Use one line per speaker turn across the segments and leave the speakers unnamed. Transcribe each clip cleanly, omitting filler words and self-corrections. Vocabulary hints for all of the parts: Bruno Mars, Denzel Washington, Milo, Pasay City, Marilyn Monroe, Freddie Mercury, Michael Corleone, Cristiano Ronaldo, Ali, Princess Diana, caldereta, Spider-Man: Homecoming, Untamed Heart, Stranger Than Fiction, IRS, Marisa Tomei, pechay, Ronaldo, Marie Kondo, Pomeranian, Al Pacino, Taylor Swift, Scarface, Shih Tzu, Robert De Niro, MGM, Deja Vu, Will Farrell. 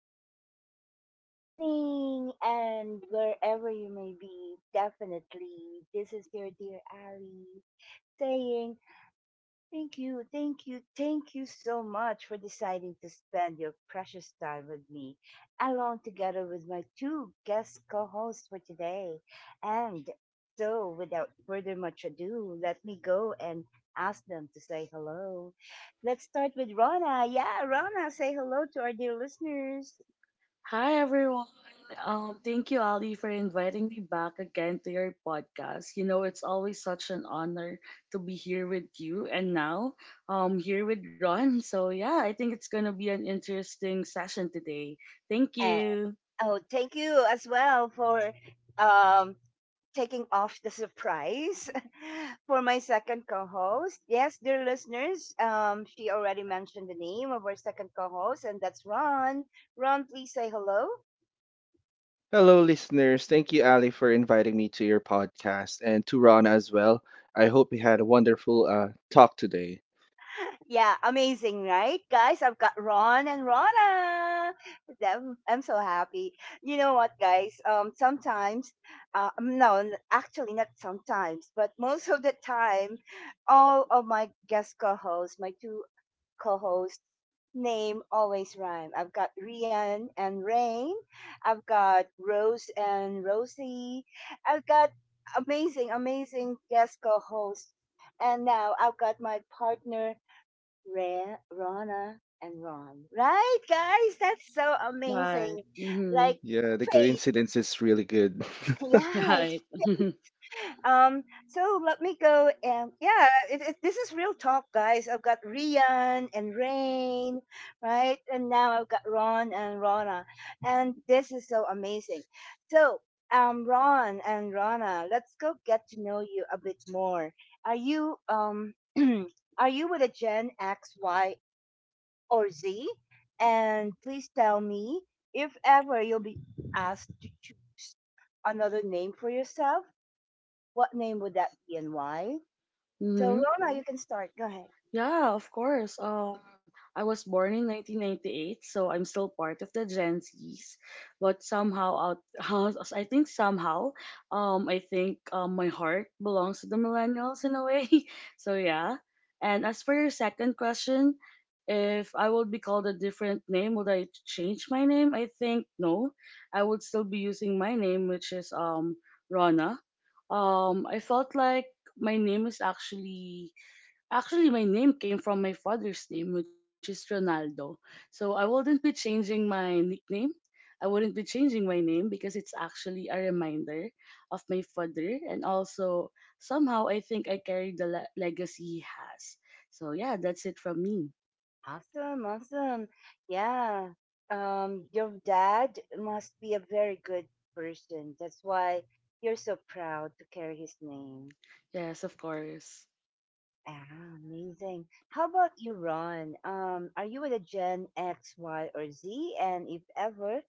afternoon, good evening, and wherever you may be, definitely. This is your dear Ali saying thank you, thank you, thank you so much for deciding to spend your precious time with me, along together with my two guest co hosts for today. And so, without further much ado, let me go and ask them to say hello. Let's start with Rona. Yeah, Rona, say hello to our dear listeners.
Hi, everyone. Thank you, Ali, for inviting me back again to your podcast. You know, it's always such an honor to be here with you and now here with Ron. So, yeah, I think it's going to be an interesting session today. Thank
And,
you.
oh, thank you as well for um, taking off the surprise for my second co-host. Yes, dear listeners, she already mentioned the name of our second co-host, and that's Ron. Ron, please say hello.
Hello, listeners. Thank you, Ali, for inviting me to your podcast and to Ron as well. I hope you had a wonderful talk today.
Yeah, amazing, right, guys? I've got Ron and Rona. I'm so happy. You know what, guys? Sometimes, no, n- actually not sometimes, but most of the time, all of my guest co-hosts, my two co-host name always rhyme. I've got Rian and Rain. I've got Rose and Rosie. I've got amazing, amazing guest co-host. And now I've got my partner, Rana and Ron. Right, guys? That's so
Right.
amazing.
Mm-hmm.
Like
Yeah, the
fate.
coincidence is really good.
Yeah, it's
Right.
So let me go and this is real talk, guys. I've got Rian and Rain, right? And now I've got Ron and Rona, and this is so amazing. So, Ron and Rona, let's go get to know you a bit more. Are you are you with a Gen X, Y, or Z? And please tell me if ever you'll be asked to choose another name for yourself. What name would that be and why? So
Mhm.
Rona, you can start. Go ahead.
Yeah, of course. I was born in 1998, so I'm still part of the Gen Zs. But somehow, I think somehow, I think my heart belongs to the millennials in a way. So yeah. And as for your second question, if I would be called a different name, would I change my name? I think no. I would still be using my name, which is Rana. I felt like my name is actually Actually, my name came from my father's name, which is Ronaldo. So I wouldn't be changing my nickname. I wouldn't be changing my name because it's actually a reminder of my father. And also, somehow, I think I carry the legacy he has. So yeah, that's it from me.
Awesome, awesome. Yeah. Your dad must be a very good person. That's why you're so proud to carry his name.
Yes, of course.
Ah, amazing. How about you, Ron? Are you with a Gen X, Y, or Z? And if ever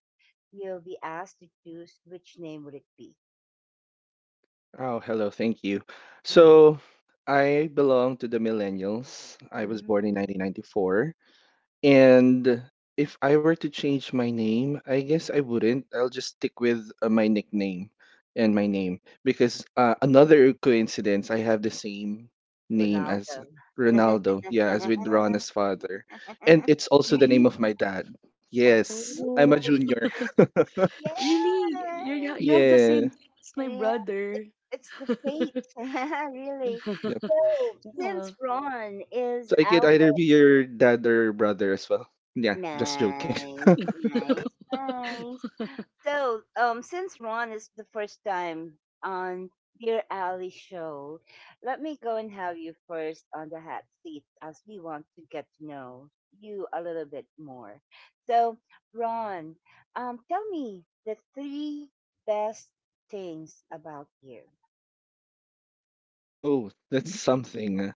you'll be asked to choose, which name would it be?
Oh, hello. Thank you.
Mm,
So, I belong to the millennials. I was
mm,
born in 1994. And if I were to change my name, I guess I wouldn't. I'll just stick with my nickname and my name because another coincidence, I have the same name as
Ronaldo.
Ronaldo. Yeah, as with Rona's father, and it's also the
Really?
name of my dad.
Oh.
Yes, I'm a
Oh,
junior.
Yeah,
really? You have the same
Yeah,
name as my
yeah. It's
brother.
it's the fate, really.
yep.
So
Yeah.
since Ron is
So I could
our
either be your dad or brother as well. Yeah, just joking.
nice, nice, nice. So, since Ron is the first time on Dear Ally show, let me go and have you first on the hot seat as we want to get to know you a little bit more. So, Ron, tell me the three best things about you.
Oh, that's something.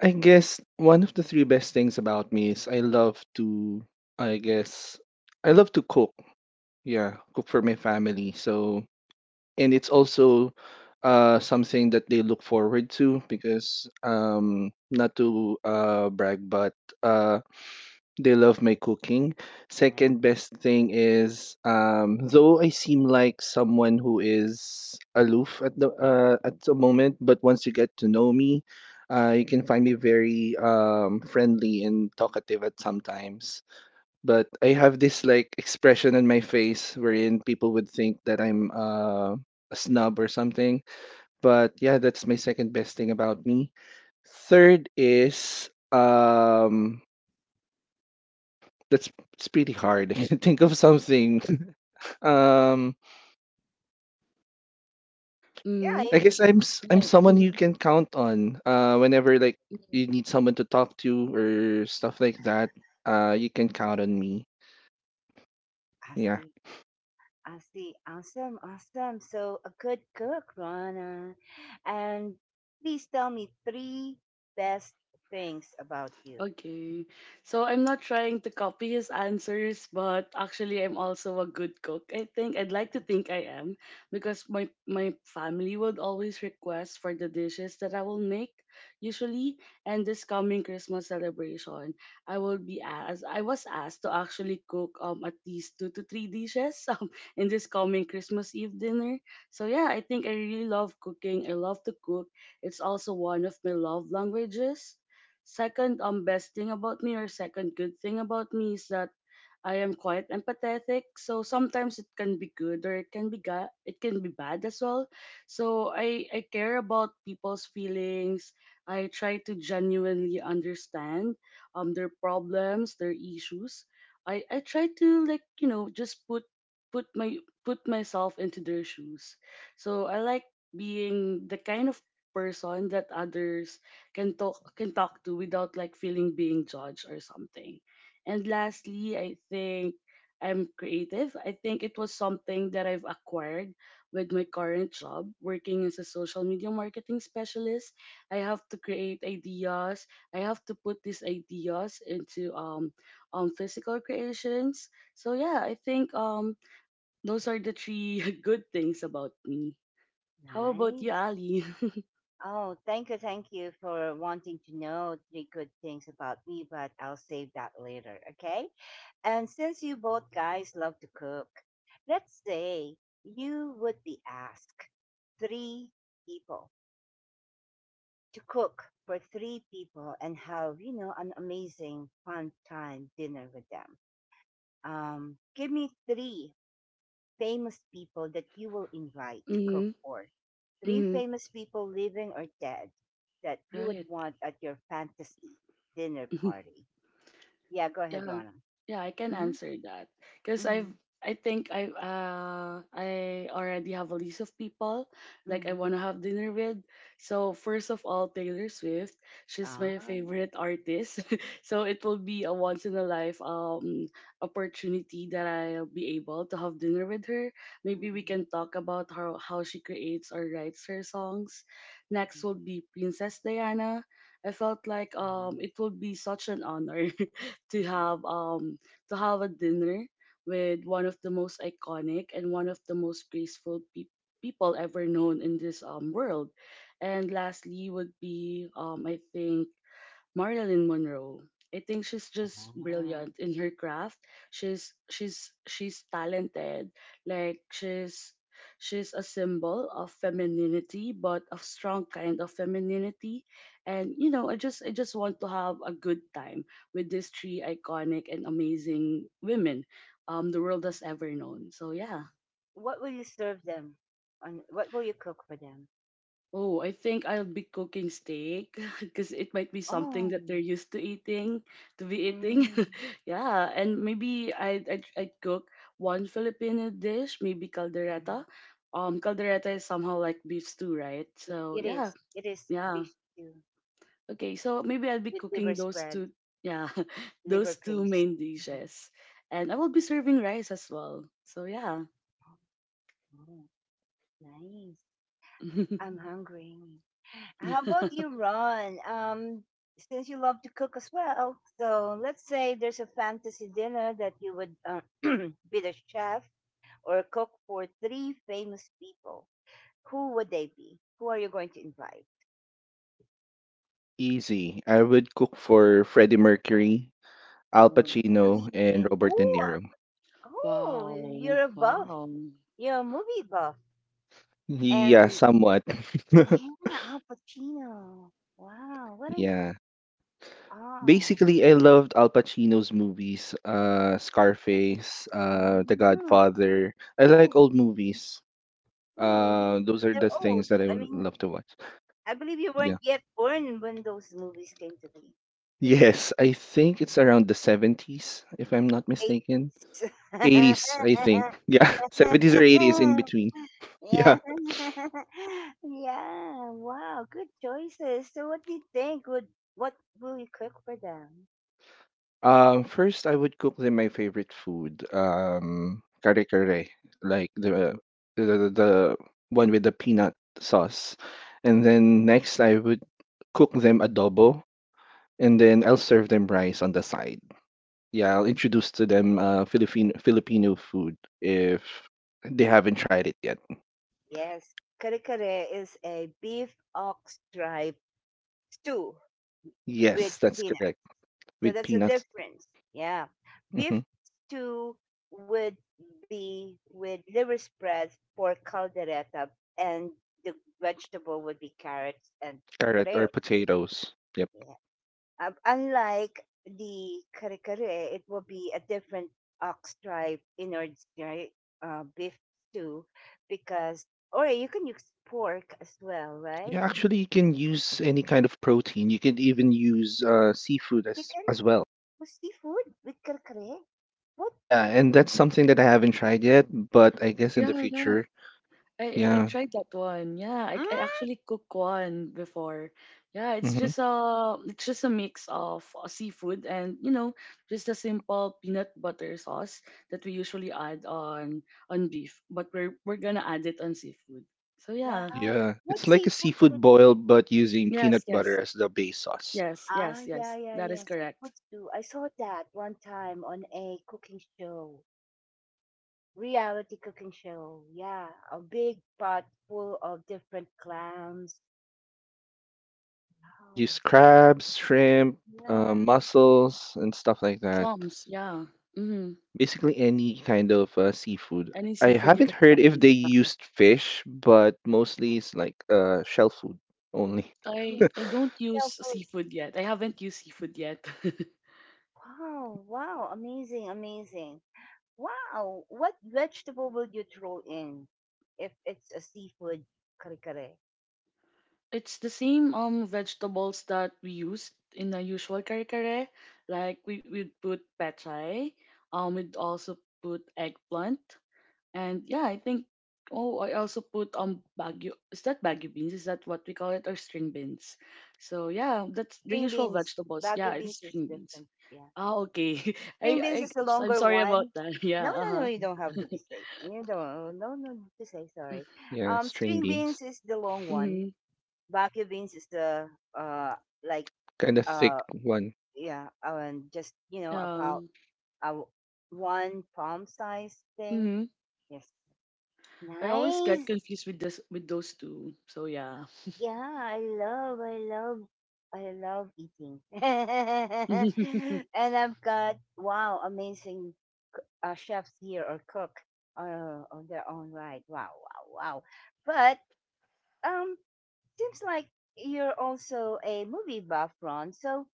I guess one of the three best things about me is I guess, I love to cook. Yeah, cook for my family. So, and it's also something that they look forward to because, not to brag, but uh, they love my cooking.
Right?
Second best thing is, though I seem like someone who is aloof at the moment, but once you get to know me, you can find me very friendly and talkative at sometimes. But I have this like expression on my face wherein people would think that I'm a snub or something. But yeah, that's my second best thing about me. Third is that's it's pretty hard. I can think of something. Um,
Yeah,
Mhm.
I
I,
guess I'm
Right.
someone you
Mhm.
can count on. Whenever like
Mhm.
you need someone to talk to or stuff like that, you can count on me.
I
Yeah,
see. I see. Awesome, awesome. So, a good cook, Ron. And please tell me three best things about you.
Okay. So I'm not trying to copy his answers, but actually I'm also a good cook. I think I'd like to think I am because my family would always request for the dishes that I will make usually, and this coming Christmas celebration, I was asked to actually cook at least two to three dishes in this coming Christmas Eve dinner. So yeah, I think I really love cooking. I love to cook. It's also one of my love languages. Second, best thing about me, or second good thing about me, is that I am quite empathetic. So sometimes it can be good, or it can be it can be bad as well. So I care about people's feelings. I try to genuinely understand their problems, their issues. I try to like you know just put put my put myself into their shoes. So I like being the kind of person that others can talk to without like feeling being judged or something. And lastly, I think I'm creative. I think it was something that I've acquired with my current job working as a social media marketing specialist. I have to create ideas. I have to put these ideas into physical creations. So yeah, I think those are the three good things about me. How about you,
Nice.
Ali?
Oh, thank you for wanting to know three good things about me, but I'll save that later, okay? And since you both guys love to cook, let's say you would be asked three people to cook for three people and have, you know, an amazing, fun time dinner with them. Give me three famous people that you will invite to cook
Mhm.
for. Three
Mhm.
famous people, living or dead, that you would
Right.
want at your fantasy dinner party. Yeah, go ahead,
Yeah,
Rana.
yeah, I can
Mm-hmm.
answer that because I've
Mm-hmm.
I think I already have a list of people like I
Mm-hmm.
want to have dinner with. So first of all, Taylor Swift, she's
Ah.
my favorite artist. So it will be a once in a life opportunity that I'll be able to have dinner with her. Maybe we
Mm-mm.
can talk about how she creates or writes her songs. Next will
Mm-mm.
be Princess Diana. I felt like
Nice.
it will be such an honor to
Mm-mm.
have um to have a dinner with one of the most iconic and one of the most graceful people ever known in this world. And lastly would be I think Marilyn Monroe. I think she's just
Ah.
brilliant in her craft. She's talented. Like she's she's a symbol of femininity, but a strong kind of femininity. And you know, I just want to have a good time with these three iconic and amazing women the world has ever known. So yeah.
What will you serve them? On what will you cook for them?
Oh, I think I'll be cooking steak because it might be something
Oh.
that they're used to eating, to be eating.
Mm.
Yeah, and maybe I'd cook one Filipino dish, maybe caldereta. Caldereta is somehow like beef stew, right?
It
So
it
yeah,
is. It is
yeah.
beef stew
Okay, so maybe I'll be
with liver
cooking those
spread,
two, yeah,
liver
those two
paste.
main
Yeah.
dishes, and I will be serving rice as well. So yeah.
Oh, nice. I'm hungry. How about you, Ron? Since you love to cook as well, so let's say there's a fantasy dinner that you would be the chef or cook for three famous people. Who would they be? Who are you going to invite?
easy. I would cook for Freddie Mercury, Al Pacino, and
Queen.
Robert De
Oh,
Niro.
oh,
Wow,
you're a buff.
wow.
You're a movie buff.
Yeah,
And
somewhat.
yeah, Al Pacino. Wow, what a
Yeah.
oh.
Basically, I loved Al Pacino's movies, Scarface, The
Mhm.
Godfather. I like
Oh.
old movies.
Oh, yeah,
Those are
they're
the
old.
things that I
I
would
mean,
love to watch.
I believe you weren't
Yeah.
yet born when those movies came to be.
Yes, I think it's around the 70s, if I'm not mistaken.
80s.
80s, I think. Yeah, 70s or 80s in between. Yeah.
Yeah. Yeah. Wow, good choices. So what do you think would what will you cook for them?
First, I would cook them my favorite food, kare kare, like the one with the peanut sauce. And then next, I would cook them adobo, and then I'll serve them rice on the side. Yeah, I'll introduce to them Philippine Filipino food if they haven't tried it yet.
Yes. Kare kare is a beef ox tripe stew with
Yes, that's
peanuts.
correct.
So
With
that's the
peanuts,
difference. Yeah.
hmm
Beef stew would be with liver spreads, pork caldereta, and the vegetable would be carrots and
carrot or
potatoes.
potatoes. Yep.
Yeah. Unlike the kare kare, it will be a different ox tribe innards, right? Beef stew because, or you can use pork as well, right?
Yeah, actually, you can use any kind of protein. You can even use seafood as
Chicken
as well.
with seafood with kare kare? What?
Yeah, and that's something that I haven't tried yet, but I guess in the
Yeah, yeah.
future.
I
Yeah.
tried that one. Yeah,
Mm,
I actually cooked one before. Yeah,
hmm
it's just a mix of seafood and you know just a simple peanut butter sauce that we usually add on beef, but we're gonna add it on seafood. So yeah,
wow.
Yeah,
What
it's like a
seafood
seafood
would
boil, but using
yes,
peanut
yes,
butter as the base sauce.
ah, yeah,
yes.
yeah,
That is
yeah.
correct.
Seafoods do. I saw that one time on a cooking show, reality cooking show. Yeah, a big pot full of different clams.
You could
Wow.
use crabs, shrimp,
Yeah.
mussels, and stuff like that.
Clams, yeah. Mm-hmm.
Basically, any kind of seafood.
Any
I
seafood you
haven't
can
heard if
find.
they
Yeah.
used fish, but mostly it's like shell food only.
Yeah.
I don't
yeah,
use
food.
seafood yet. I haven't used seafood yet.
Wow. Wow. Amazing. Amazing. Wow. What vegetable would you throw in if it's a seafood kare kare?
It's the same vegetables that we use in the usual kare kare. Like we put pechay, we'd also put eggplant, and yeah, I think oh I also put bagu, is that bagu beans? Is that what we call it, or string beans? So yeah, that's the
String
usual
beans.
vegetables. Yeah,
Bagu
it's
beans is
string beans.
different. Yeah.
Ah okay, I
String
I
beans is the
I'm
longer
sorry about
one.
that. Yeah,
No, no, no,
uh-huh.
you don't have to be safe. You don't, no, no, to say sorry.
Yeah, string
String
beans.
beans is the long one.
Mm-hmm.
Baku beans is the, uh, like,
Kind of
uh,
thick one.
yeah, just, you
Uh
know,
huh. Mhm. Yeah.
about uh, one palm size thing.
Mhm.
Yes.
I always get
Nice.
confused with this, with those two. So yeah.
Yeah, I love, I love, I love eating. And I've got, wow, amazing chefs here or cook on their own right. Wow, wow, wow. But um, seems like you're also a movie buff, Ron. So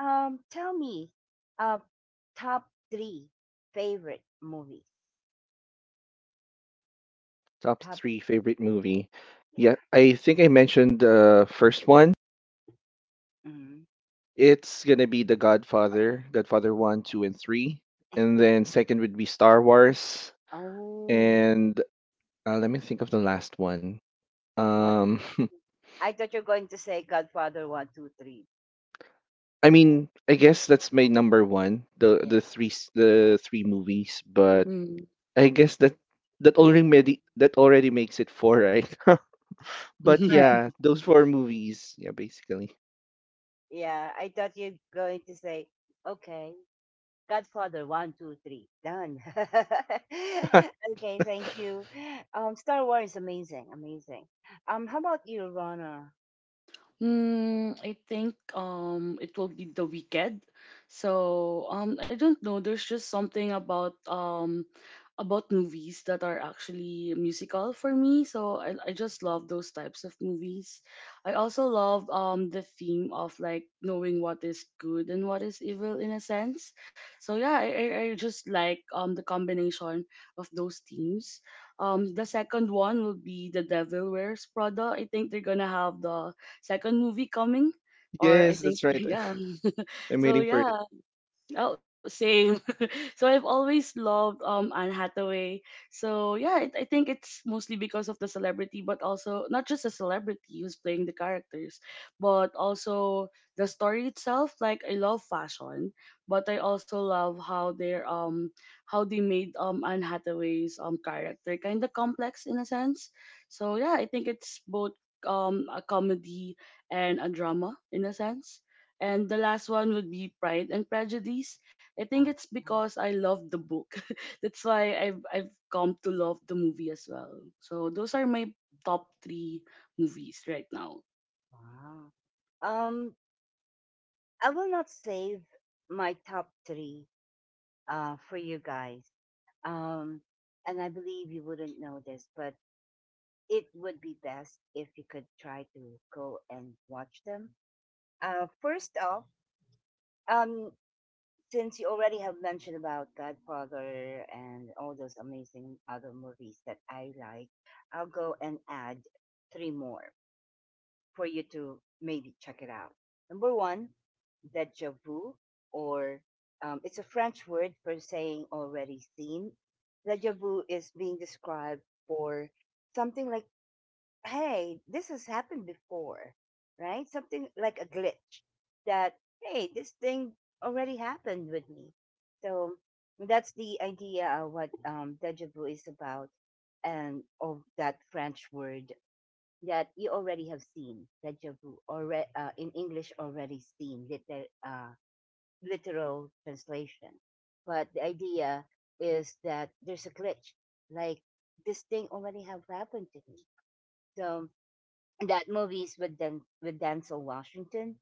tell me, uh, top three favorite movies.
Top
Top,
three favorite movie. Yeah,
yeah.
I think I mentioned the first one.
Mhm,
It's gonna be The
mhm,
Godfather, Godfather
mhm.
1, 2, and 3. And then second would be Star Wars.
Oh,
And let me think of the last one.
what?
Um,
I thought you're going to say Godfather one, two, three.
I mean, I guess that's my number one. The
Yeah.
the three movies, but
Mm,
嗯。
I guess that already makes it four, right? but
correct.
yeah, those four movies. Yeah, basically.
Yeah, I thought you're going to say okay. Godfather, one, two, three. Done. Okay, thank you. Star Wars is amazing, amazing. How about you, Rana?
I think it will be The Weekend. So I don't know. There's just something about movies that are actually musical for me. So I just love those types of movies. I also love the theme of like knowing what is good and what is evil in a sense. So yeah, I just like the combination of those themes. The second one will be The Devil Wears Prada. I think they're gonna have the second movie coming, or I
Yes,
think
that's right.
yeah
I'm
so
waiting for it.
yeah oh same, so I've always loved Anne Hathaway. So yeah, I think it's mostly because of the celebrity, but also not just the celebrity who's playing the characters, but also the story itself. Like I love fashion, but I also love how they're how they made Anne Hathaway's character kind of complex in a sense. So yeah, I think it's both a comedy and a drama in a sense. And the last one would be Pride and Prejudice. I think it's
Ah,
because I love the book. That's why I've come to love the movie as well. So those are my top three movies right now.
wow. Um, I will not save my top three for you guys. Um, and I believe you wouldn't know this, but it would be best if you could try to go and watch them. First off, um, since you already have mentioned about Godfather and all those amazing other movies that I like, I'll go and add three more for you to maybe check it out. Number one, deja vu, or it's a French word for saying already seen. Deja vu is being described for something like hey, this has happened before, right? Something like a glitch that, hey, this thing already happened with me. So that's the idea of what deja vu is about and of that French word that you already have seen, deja vu, already, in English, already seen, literal translation. But the idea is that there's a glitch, like this thing already have happened to me. So that movie is with with Denzel Washington.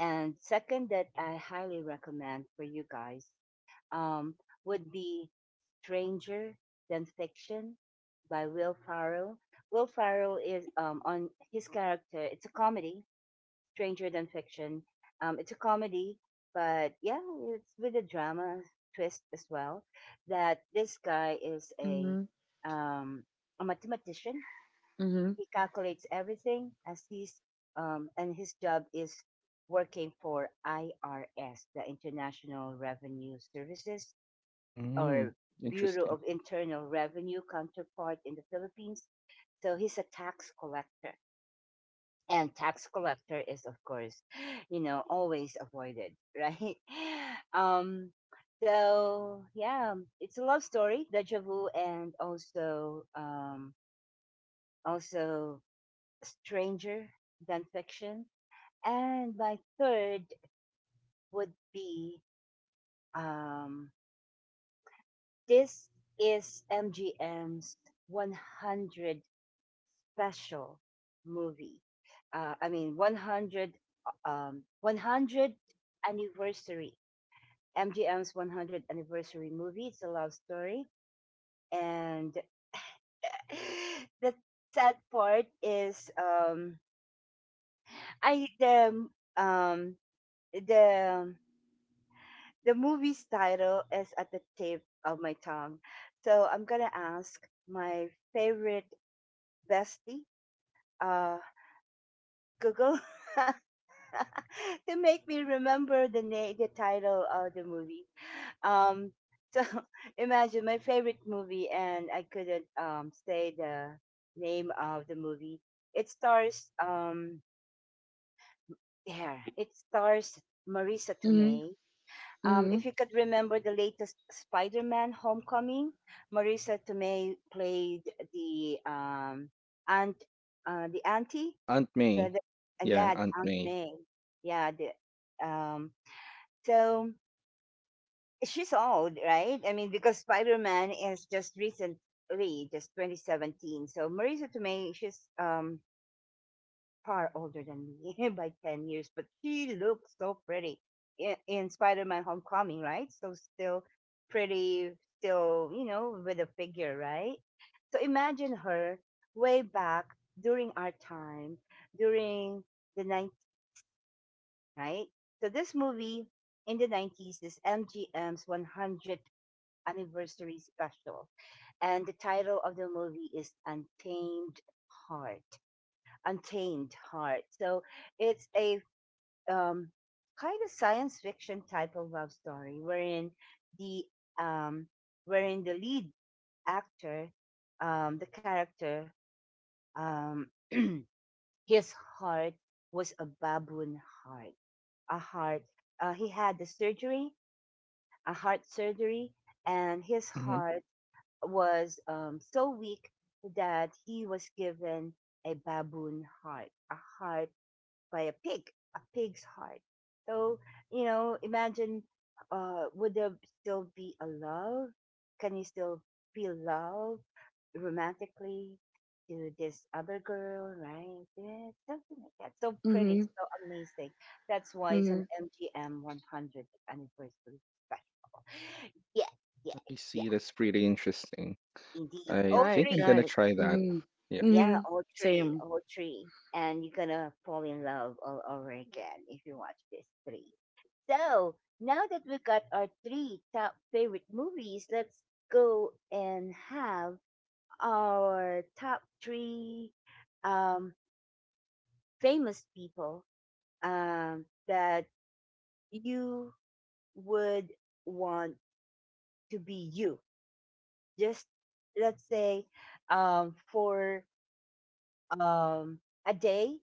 And second, that I highly recommend for you guys um, would be Stranger Than Fiction by Will Farrell. Will Farrell is on his character. It's a comedy, Stranger Than Fiction. It's a comedy, but yeah, it's with a drama twist as well. That this guy is
Mhm.
um, a mathematician
Mhm.
he calculates everything as he's and his job is working for IRS, the International Revenue Services or
Mm,
Bureau
interesting.
of Internal Revenue counterpart in the Philippines. So he's a tax collector. And tax collector is, of course, you know, always avoided, right? Um, so yeah, it's a love story, deja vu, and also also stranger than fiction. And my third would be um, this is MGM's 100 special movie. I mean, 100, 100 anniversary. MGM's 100 anniversary movie. It's a love story. And the sad part is I um the the movie's title is at the tip of my tongue. So I'm going to ask my favorite bestie, uh, Google, to make me remember the the title of the movie. Um, so imagine my favorite movie, and I couldn't say the name of the movie. It stars there. It stars Marisa
Mhm.
Tomei.
Mhm.
If you could remember the latest Spider-Man: Homecoming, Marisa Tomei played the aunt, the auntie,
Yeah, Aunt May.
the
Yeah,
yeah, the
Aunt
Aunt
May.
May, yeah. Um, so she's old, right? I mean, because Spider-Man is just recently, just 2017. So Marisa Tomei, she's far older than me by 10 years, but she looks so pretty in Spider Man Homecoming, right? So still pretty, still, you know, with a figure, right? So imagine her way back during our time, during the 90s, right? So this movie in the 90s is MGM's 100th anniversary special. And the title of the movie is Untamed Heart. Untamed Heart. So it's a um, kind of science fiction type of love story the um, wherein the lead actor, the character, um, his heart was a baboon heart, a heart. He had the surgery, a heart surgery, and his
Mm-hmm.
heart was so weak that he was given a baboon heart, a heart by a pig, a pig's heart. So, you know, imagine would there still be a love? Can you still feel love romantically to this other girl, right? Yeah, something like that. So pretty,
Mhm.
so amazing. That's why it's an
Mhm.
MGM 100th anniversary special. Yeah, yeah,
I see.
yeah,
That's pretty interesting.
indeed.
I
All
think
Right.
I'm
three.
gonna
Right.
try that.
Mhm.
Yeah.
Yeah,
Mhm.
all three,
Same.
all three. And you're gonna fall in love all over again if you watch this three. So now that we got our three top favorite movies, let's go and have our top three um, famous people that you would want to be you. Just let's say for um, a day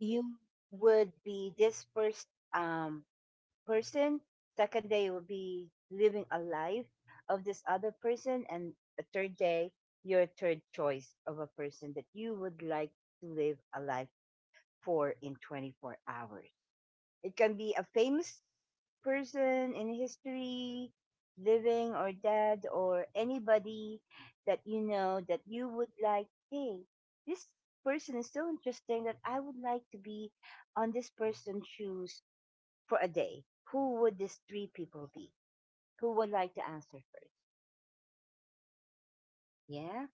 you would be this first um, person. Second day, you would be living a life of this other person, and the third day, your third choice of a person that you would like to live a life for in 24 hours. It can be a famous person in history, living or dead, or anybody that you know that you would like, hey, this person is so interesting that I would like to be on this person's shoes for a day. Who would these three people be? Who would like to answer first? Yeah?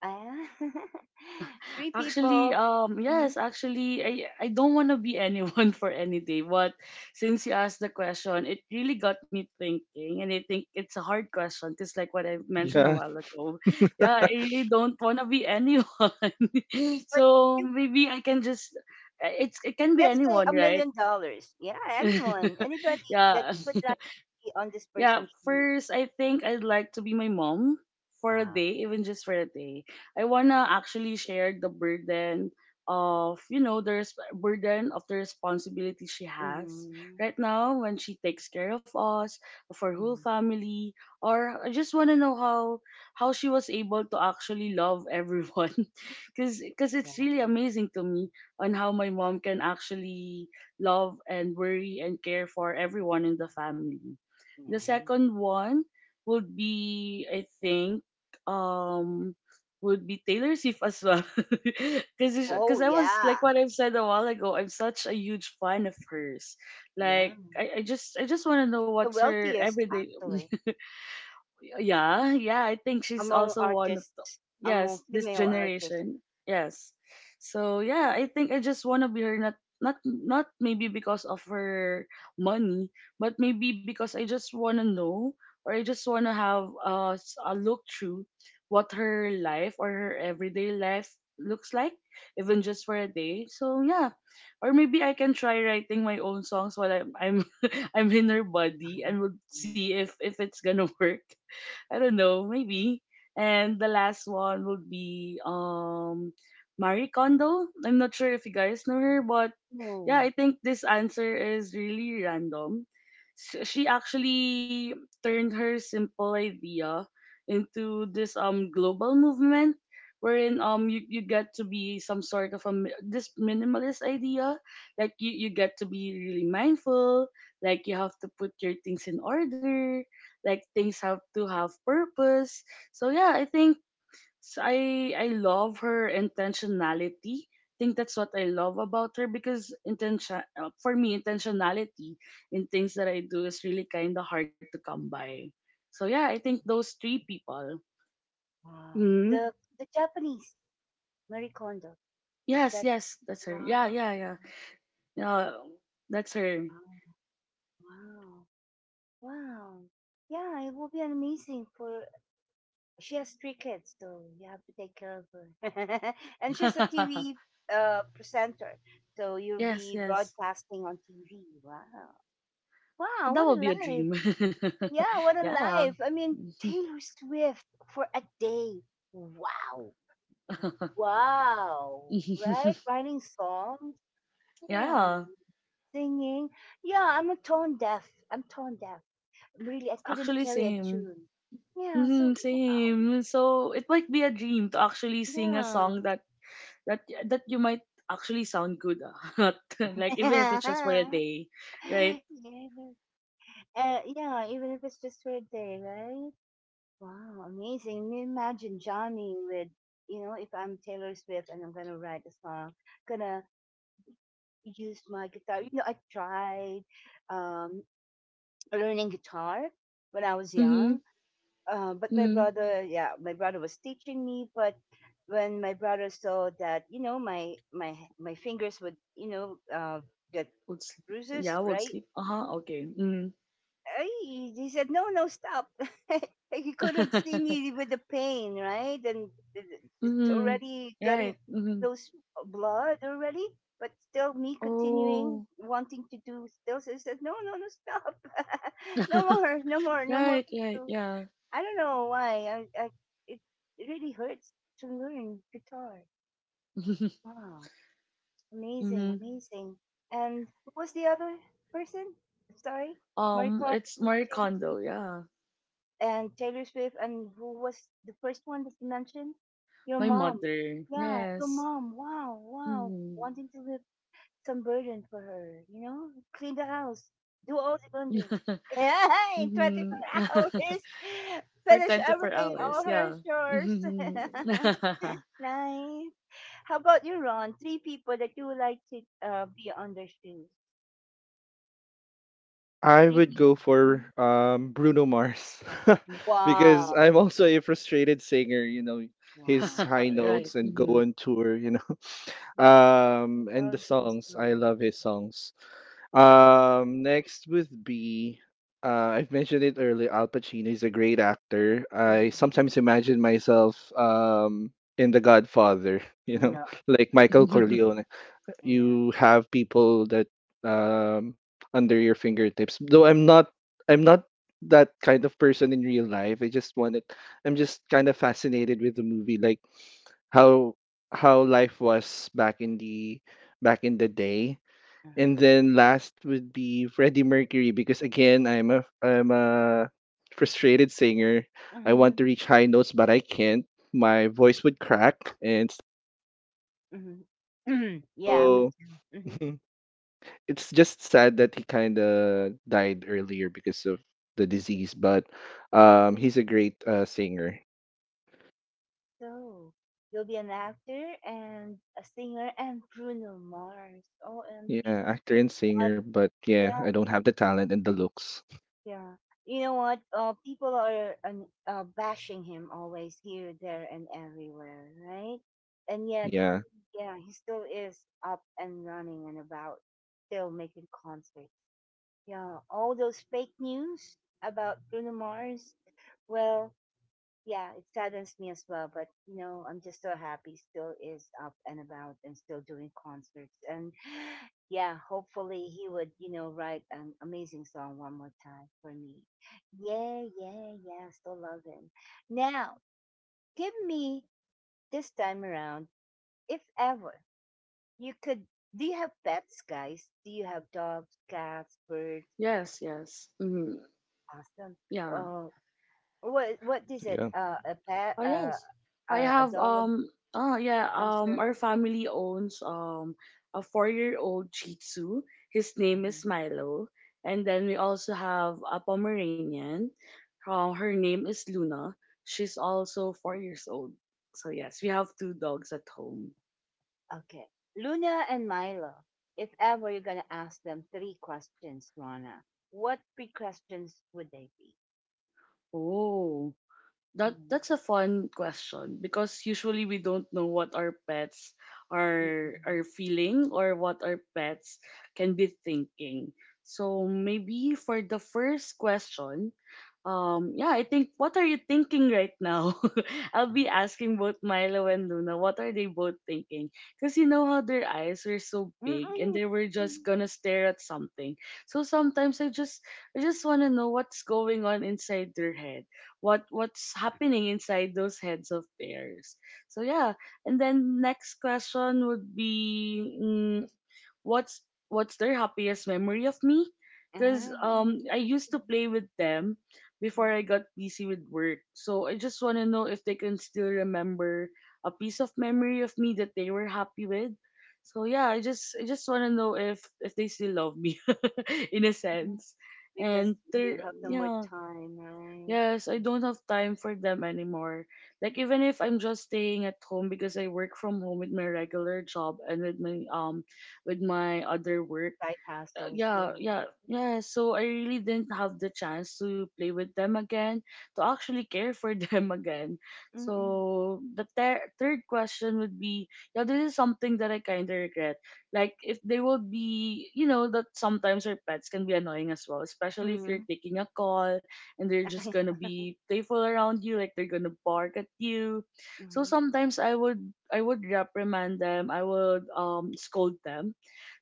Ah, three
Actually,
people. hmm
yes, actually, I don't want to be anyone for any day, but since you asked the question, it really got me thinking, and I think it's a hard question because, like what I mentioned a
Yeah.
while ago, yeah, I really don't want to be anyone.
But
So
you
maybe I can just, it's it can be
let's say
anyone,
a
right?
million dollars. Yeah, anyone, anybody, that
Yeah,
like put that on this
yeah,
person's shoes.
first I think I'd like to be my mom for a
Wow.
day, even just for a day. I wanna actually share the burden of you know the burden of the responsibility she has
Mm-hmm.
right now when she takes care of us, of her whole
hmm
family, or I just want to know how she was able to actually love everyone because
Yeah,
it's really amazing to me on how my mom can actually love and worry and care for everyone in the family. The
nice.
second one would be, I think, um, would be Taylor Swift as well,
Oh
because I was
yeah,
like what I've said a while ago. I'm such a huge fan of hers. Like
yeah.
I, I just want to know
She's the
what's her
wealthiest
everyday.
actually
Yeah, yeah, I think she's
among
also one of them.
artists, among
Yes, this
female artists.
generation. Yes. So yeah, I think I just wanna be her, not maybe because of her money, but maybe because I just wanna know, or I just wanna have a look through what her life or her everyday life looks like, even just for a day. So yeah. Or maybe I can try writing my own songs while I'm I'm in her body and would
Mm.
see if it's gonna work. I don't know, maybe. And the last one would be Marie Kondo. I'm not sure if you guys know her, but yeah, I
Oh
think this answer is really random. She actually turned her simple idea into this global movement wherein you, you get to be some sort of a this minimalist idea, like you get to be really mindful, like you have to put your things in order, like things have to have purpose. So yeah I think, so I love her intentionality. I think that's what I love about her because intention for me intentionality in things that I do is really kind of hard to come by. So yeah, I think those three people.
wow.
Hmm.
The Japanese Marie Kondo is
Yes,
that
yes, that's her.
wow,
Yeah, yeah, yeah. Yeah, that's her.
wow, wow, wow. Yeah, it will be amazing for. She has three kids, so you have to take care of her. And she's a TV presenter, so you'll
yes,
be
yes.
broadcasting on TV. Wow. Wow,
That
what
would
a
be a
life.
dream.
Yeah, what a
Yeah.
life. I mean, Taylor Swift for a day. Wow. Wow. Right? Writing songs. Wow.
Yeah.
Singing. Yeah, I'm a tone deaf. I'm tone deaf. Really, I couldn't
Actually,
carry a
same.
tune. Yeah, so
Mhm,
wow.
same. So it might be a dream to actually sing a
Yeah.
song that that you might actually sound good at, like even if it's just for a
Yeah.
day, right?
No, yeah, even if it's just for a day, right? Wow, amazing. Me- Imagine Johnny with, you know, if I'm Taylor Swift and I'm gonna write a song, gonna use my guitar. You know, I tried um, learning guitar when I was young,
Mhm,
but my
mhm.
brother, yeah, my brother was teaching me, but when my brother saw that, you know, my fingers would, you know, get
Would s-
bruises,
yeah, would
right?
sleep. Uh huh. Okay. Mhm.
Ay, he said, "No, no, stop." He couldn't see me with the pain, right? And it's
mhm.
already getting
Right. Mhm.
those blood already, but still me continuing
Oh.
wanting to do still. So he said, "No, no, no, stop. No more, no more, no more
Right.
for
Right.
you."
Yeah.
I don't know why. I it, it really hurts to learn guitar. Wow, amazing,
Mhm.
amazing. And who was the other person? Sorry, Marie Kondo.
It's Marie Kondo.
James
Yeah,
and Taylor Swift, and who was the first one that you mentioned? Your
my
mom.
mother.
Yeah, your
Yes.
mom. Wow, wow.
Mhm.
Wanting to lift some burden for her, you know? Clean the house, do all the laundry. Yeah, in
mhm.
24 hours,
For
finish
24
everything, all
hours,
her
yeah.
chores.
Mhm.
Nice. How about you, Ron? Three people that you would like to be on their shoes.
I
Three
would go
people.
for
Mhm.
Bruno Mars because
Wow.
I'm also a frustrated singer. You know, his
Wow.
high
Right.
notes and go
mhm.
on tour. You know,
Mm. I
and the
love this
songs. I
song.
love his songs. Next would be. I've mentioned it earlier. Al Pacino is a great actor. I
Mm.
sometimes imagine myself in The Godfather, you know,
No.
like Michael Corleone.
Yeah.
You have people that um, under your fingertips. Though I'm not that kind of person in real life. I'm just kind of fascinated with the movie, like how how life was back in the day. And
Uh-huh.
then last would be Freddie Mercury because again, I'm a frustrated singer. I want
Mhm.
to reach high notes, but I can't. My voice would crack, and
Mhm. Mhm. Yeah, me
so
too.
it's just sad that he kind of died earlier because of the disease, but he's a great singer.
So, you'll be an actor and a singer and Bruno Mars. OMG.
Yeah, actor
You
and
know what?
singer, but yeah, I
Yeah,
don't have the talent and the looks.
yeah. You know what? People are bashing him always here, there, and everywhere, right? And yet,
Yeah,
yeah, he still is up and running and about, still making concerts. Yeah, all those fake news about Bruno Mars. Well, yeah, it saddens me as well, but you know, I'm just so happy still is up and about and still doing concerts. And yeah, hopefully he would, you know, write an amazing song one more time for me. Yeah, yeah, yeah, still love him. Now, give me this time around, if ever you could. Do you have pets, guys? Do you have dogs, cats, birds?
Yes, yes. mhm,
Awesome.
yeah.
Oh, what is it?
yeah,
A pet?
Oh, yes. I
A
have
dog?
um oh yeah,
Hamster?
our family owns a four-year-old Shih Tzu. His name
Uh-huh.
is Milo. And then we also have a Pomeranian. Her name is Luna. She's also 4 years old. So yes, we have two dogs at home.
Okay. Luna and Milo. If ever you're gonna ask them three questions, Rana, what three questions would they be?
Oh. That
Mm.
that's a fun question because usually we don't know what our pets are
Mm-mm.
are feeling or what our pets can be thinking. So maybe for the first question, yeah, I think what are you thinking right now? I'll be asking both Milo and Luna what are they both thinking? Because you know how their eyes were so big and
Mm-mm.
they were just gonna stare at something. So sometimes I just wanna know what's going on inside their head. What's happening inside those heads of theirs. So yeah. And then next question would be what's what's their happiest memory of me because
Uh-huh. Mm-hmm.
I used to play with them before
Uh-huh.
I got busy with work, so I just want to know if they can still remember a piece of memory of me that they were happy with. So yeah, I just want to know if they still love me in a
Uh-huh.
sense and
Because
they're
you have no more
Yeah.
time, right?
Yes, I don't have time for them anymore. Like even if I'm just staying at home, because I work from home with my regular job and with my other work,
Side
uh,
hassles,
yeah,
yeah.
yeah, yeah. So I really didn't have the chance to play with them again, to actually care for them again.
Mm-mm.
So the third question would be, yeah, this is something that I kind of regret. Like if they would be, you know, that sometimes our pets can be annoying as well, especially if
Mm-hmm.
you're taking a call and they're just gonna be playful around you, like they're gonna bark at you. So
Mm-hmm.
sometimes I would reprimand them. I would scold them,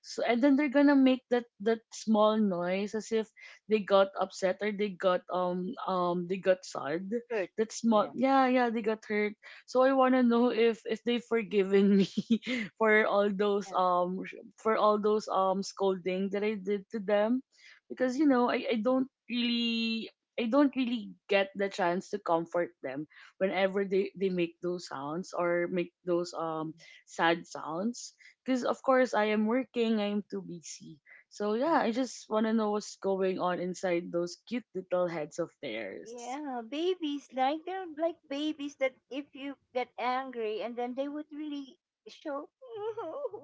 so and then they're gonna make that small noise as if they got upset or they got sad.
Good.
That small,
Yeah.
yeah, yeah, they got hurt. So I wanna know if they've forgiven me for all those
Yeah.
for all those scolding that I did to them, because you know I don't really. I don't really get the chance to comfort them whenever they make those sounds or make those sad sounds, because of course I am working, I am too busy. So
Yeah.
yeah, I just want to know what's going on inside those cute little heads of theirs.
Yeah, babies like they're like babies that if you get angry and then they would really show.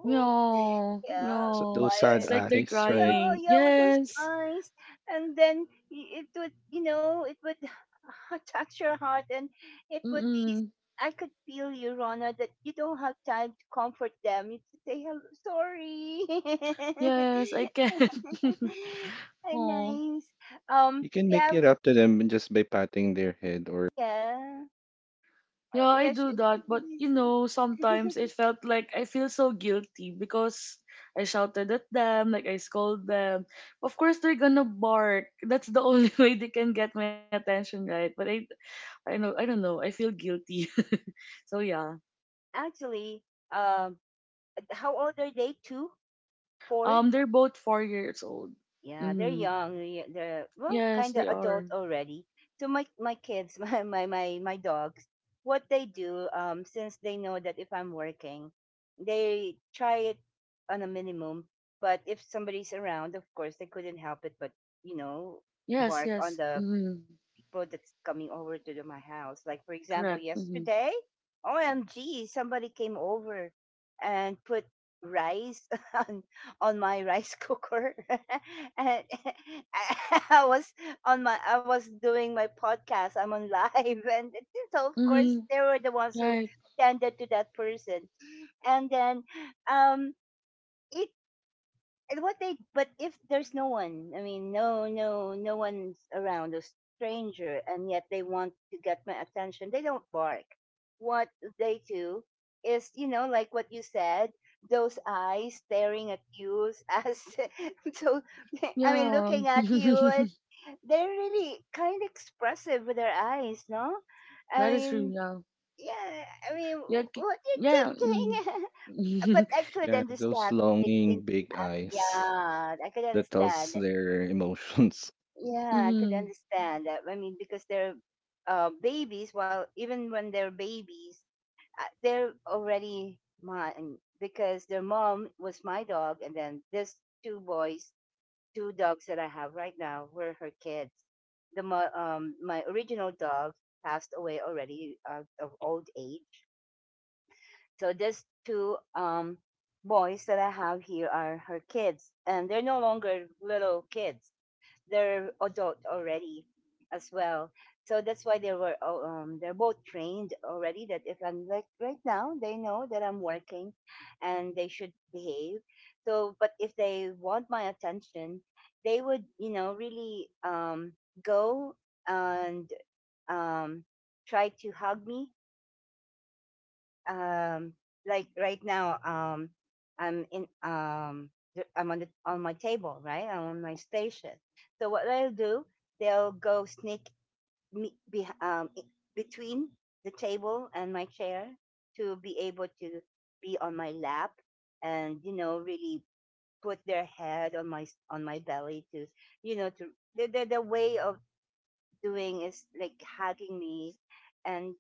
No,
Yeah,
no,
those
fire.
it's
sad
like they're
eyes, right?
Yeah,
crying.
yeah, with those
Yes,
eyes, and then it would, you know, it would touch your heart, and it would be.
mm-mm.
I could feel you, Rona, that you don't have time to comfort them. You just say hello, sorry.
Yes, I can. oh,
Nice.
You can make
Yeah.
it up to them just by patting their head or
Yeah.
yeah, I
Yeah,
do
she
that, but
believes
you
it.
know, sometimes it felt like I feel so guilty because I shouted at them, like I scold them. Of course, they're gonna bark. That's the only way they can get my attention, right? But I know I don't know. I feel guilty. so yeah.
Actually, um, how old are they? Two, four?
They're both 4 years old.
Yeah, they're
Mm-hmm.
young. They're well,
Yes,
kind of
they
adult
are.
already. So my kids, my dogs, what they do, since they know that if I'm working, they try it on a minimum. But if somebody's around, of course, they couldn't help it, but you know,
Yes,
bark on
yes.
the
Mm-hmm.
people that's coming over to the, my house. Like for example,
Correct. Mm-hmm.
yesterday, OMG, somebody came over and put rice on on my rice cooker and I was on my I was doing my podcast I'm on live, and so of course
Mm-hmm.
they were the ones who
Like
tended to that person and then um it and what they but if there's no one I mean no one's around a stranger and yet they want to get my attention they don't bark. What they do is you know like what you said, those eyes staring at you as so I mean
yeah.
looking at you as they're really kind of expressive with their eyes. No I
that is true,
mean
yeah.
yeah I mean
Yeah ki-
what you
yeah.
thinking.
Mm-hmm.
But I could
yeah, those
understand it
longing
thinking,
big eyes
yeah, I could
that tells
understand.
their emotions.
Yeah, I could
mm-hmm.
understand that. I mean, because they're babies. Well, even when they're babies, they're already mine because their mom was my dog, and then there's two boys, two dogs that I have right now were her kids. My original dog passed away already of old age. So these two boys that I have here are her kids, and they're no longer little kids; they're adult already, as well. So that's why they were they're both trained already. That if I'm like right now, they know that I'm working, and they should behave. So, but if they want my attention, they would you know really go and um, try to hug me um like right now i'm in um I'm on the on my table right I'm on my station. So what they'll do, they'll go sneak me be, between the table and my chair to be able to be on my lap and you know really put their head on on my belly to you know to the way of doing is like hugging me and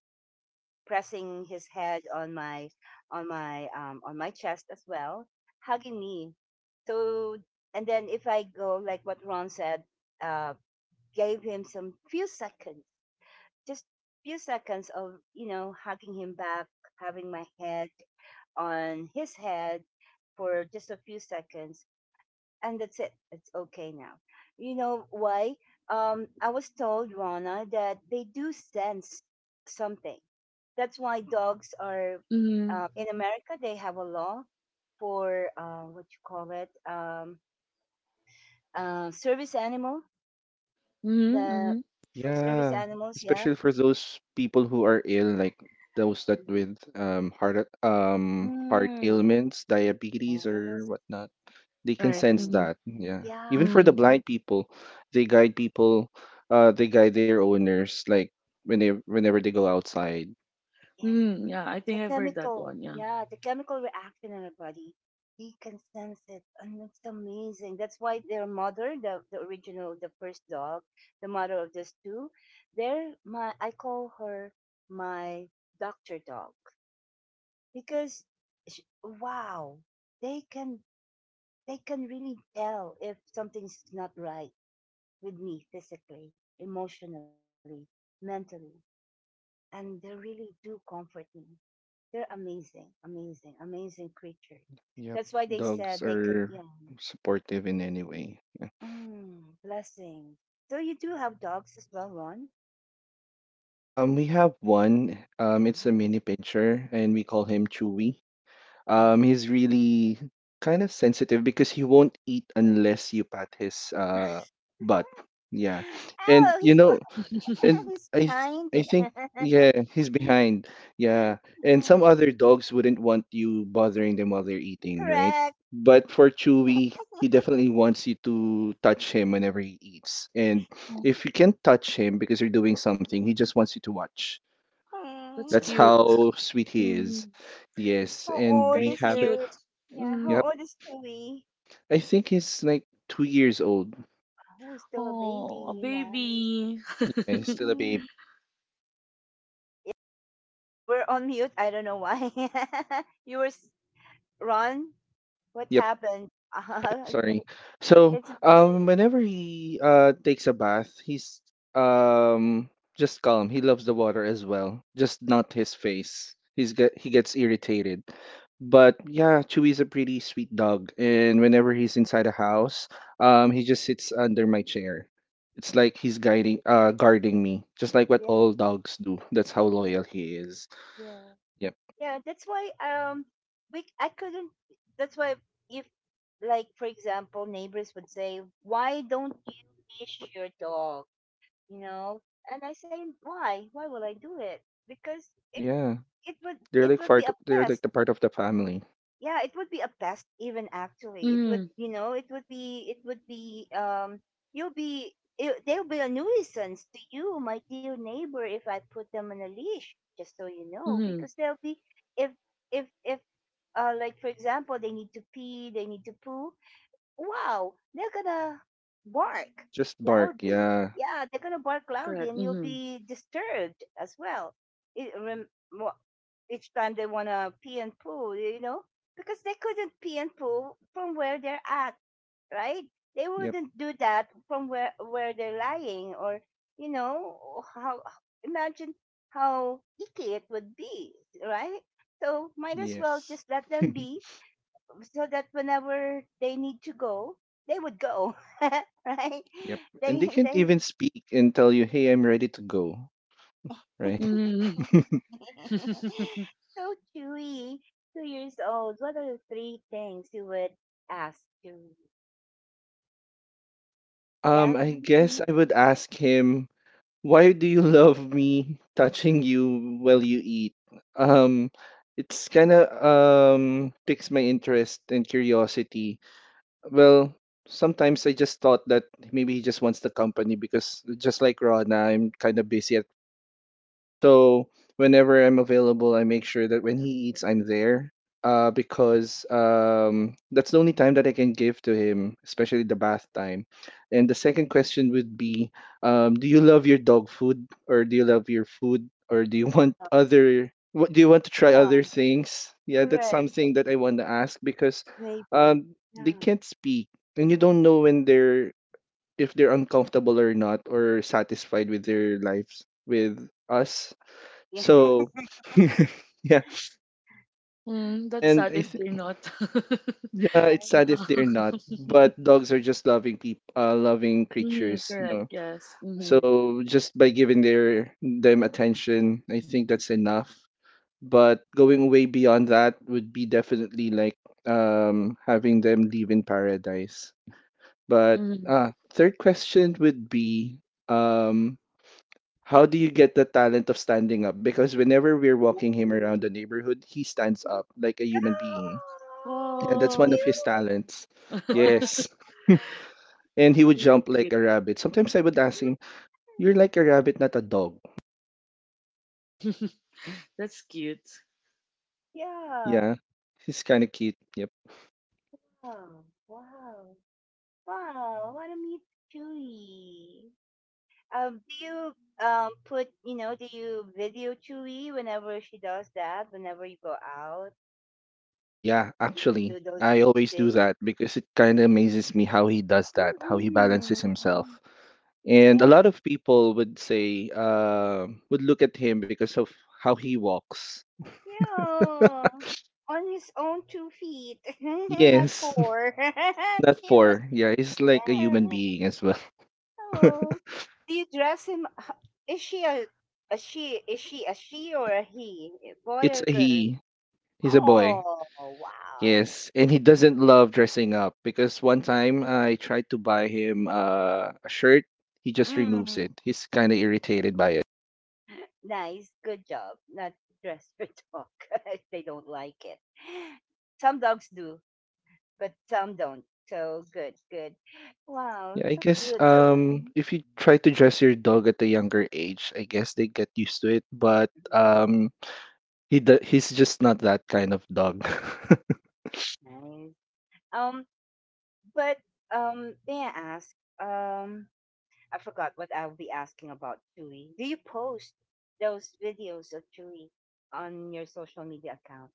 pressing his head on my on my on my chest as well, hugging me. So and then if I go like what Ron said, uh, gave him some few seconds, just few seconds of you know hugging him back, having my head on his head for just a few seconds and that's it. It's okay now. You know why? I was told, Rana, that they do sense something. That's why dogs are
Mm-hmm.
in America. They have a law for what you call it service animal.
Mm-hmm.
The
Mm-hmm.
for service
Yeah,
animals, yeah.
especially for those people who are ill, like those that with heart
Mm,
ailments, diabetes or
yes,
whatnot. They can
Right.
sense
and
Mm-hmm.
that. Yeah. Even for
yeah,
the
Mm-hmm.
blind people, they guide their owners like whenever they go outside.
yes.
Mm-hmm. Yeah, I
The
think I've heard that
chemical,
one, yeah.
yeah, the chemical reaction in our body. They can sense it, and it's amazing. That's why their mother, the original, the first dog, the mother of these two, they're my. I call her my doctor dog because, sh wow, they can they can really tell if something's not right with me physically, emotionally, mentally, and they really do comfort me. They're amazing, amazing, amazing creatures. That's
Yep.
why they said
Dogs
they can,
are
you know,
supportive in any way. Yeah.
mm, blessing. So you do have dogs as well, Ron?
We have one. It's a mini pincher, and we call him Chewy. Um,
Mm.
he's really kind of sensitive because he won't eat unless you pat his butt. Yeah. And
Oh,
you
he's
know,
beh-
and
he's
I th
behind.
I think yeah, he's behind. Yeah. And
Mm,
some other dogs wouldn't want you bothering them while they're eating, right?
correct.
But for Chewy, he definitely wants you to touch him whenever he eats. And
oh,
if you can touch him because you're doing something, he just wants you to watch.
that's
That's
cute.
Mm.
how sweet he is.
Mm,
Yes,
How
and
old
we
very
is
have it.
your?
cute.
Yeah, how
Mm,
Yep.
old is Chewy?
I think he's like 2 years old.
Oh, still a
oh, a
baby. Nice.
baby.
Yeah, he's still a baby.
Mm-mm. Oh, we're on mute. I don't know why. You were Ron, what
Yep,
happened?
sorry.
Okay.
So,
It's okay.
whenever he takes a bath, he's um just calm. He loves the water as well, just not his face. He gets irritated. But yeah, Chewy's a pretty sweet dog, and whenever he's inside a house, he just sits under my chair. It's like
Oh.
he's guarding me, just like what
Yeah,
all dogs do. That's how
yeah,
loyal he is.
yeah.
Yeah.
Yeah, that's why we I couldn't, that's why if like for example neighbors would say, why don't you leash your dog? You know? And I say, why? Why will I do it? Because it,
Yeah,
it would be a
They're like
pest.
the part of the family.
Yeah, it would be a best even actually it would
Mm,
it would be you'll be they'll be a nuisance to you my dear neighbor if I put them on a leash just so you know
mm,
because they'll be if if like for example they need to pee they need to poo wow, they're gonna bark
They'll just bark.
loudly.
Yeah.
Yeah, they're gonna bark loudly,
correct.
and you'll
Mm,
be disturbed as well. It, rem, mo- each time they wanna pee and poo, you know, because they couldn't pee and poo from where they're at, right? They
Yep.
wouldn't do that from where they're lying, or you know how. Imagine how icky it would be, right? So might as well
Yes.
just let them be so that whenever they need to go, they would go, right?
Yep. And they
They
can't
they
even speak and tell you, "Hey, I'm ready to go." Right?
mm.
so Chewy, 2 years old. What are the three things you would ask Chewy?
Um,
Yeah,
I guess
mm
I would ask him, why do you love me touching you while you eat? Um, it's kind of piques my interest and curiosity. Well, sometimes I just thought that maybe he just wants the company because just like Rona, I'm kind of busy at so whenever I'm available, I make sure that when he eats, I'm there. Because that's the only time that I can give to him, especially the bath time. And the second question would be, do you love your dog food, or do you love your food, or do you want other? What do you want to try other
yeah,
things? Yeah, that's
correct,
something that I want to ask because
maybe.
they
Yeah,
can't speak, and you don't know when they're if they're uncomfortable or not, or satisfied with their lives with us,
yeah,
so, yeah,
mm, that's
and
sad
I
if
th-
they're not.
yeah, it's
yeah,
yeah.
sad if they're not. But dogs are just loving
mm,
creatures, you
correct.
know.
Yes.
yeah.
Mm,
So just by giving their them attention, I think that's enough. But going way beyond that would be definitely like having them live in paradise.
Yeah.
But
mm.
third question would be, um how do you get the talent of standing up? Because whenever we're walking him around the neighborhood, he stands up like a human being. Yeah,
Oh,
that's one
Wow.
of his
cute!
talents.
Wow.
Yes. And he would jump like
Cute.
a rabbit. Sometimes I would ask him, you're like a rabbit, not a dog.
that's cute.
Yeah.
Yeah. He's kind of cute. Yep.
Oh, wow. Wow, what a meet Chewie. Do you put you know do you video Chewie whenever she does that? Whenever you go out,
Yeah,
do you
actually,
do those
I always
things?
do that because it kind of amazes me how he does that, how he balances
mm
himself. And a
Yeah,
lot of people would would look at him because of how he walks.
yeah. On his own 2 feet, not
Yes,
four.
not
Cute.
four. Yeah, he's like a
Yeah.
human being as well.
Oh, do you dress him? Is a she? Is she a she or a he? Boy
It's
or
a
girl?
he. He's a boy.
Oh, wow.
Yes, and he doesn't love dressing up because one time I tried to buy him a shirt. He just removes
Mm,
it. He's kind of irritated by it.
nice. Good job. Not dressed for talk. If they don't like it. Some dogs do, but some don't. So good, good. Wow,
Yeah, I
so
guess
cute. So
if you try to dress your dog at a younger age, I guess they get used to it. But
mm,
he's just not that kind of dog.
nice. Um, but May I ask? Um, I forgot what I'll be asking about Chewy. Do you post those videos of Chewy on your social media account?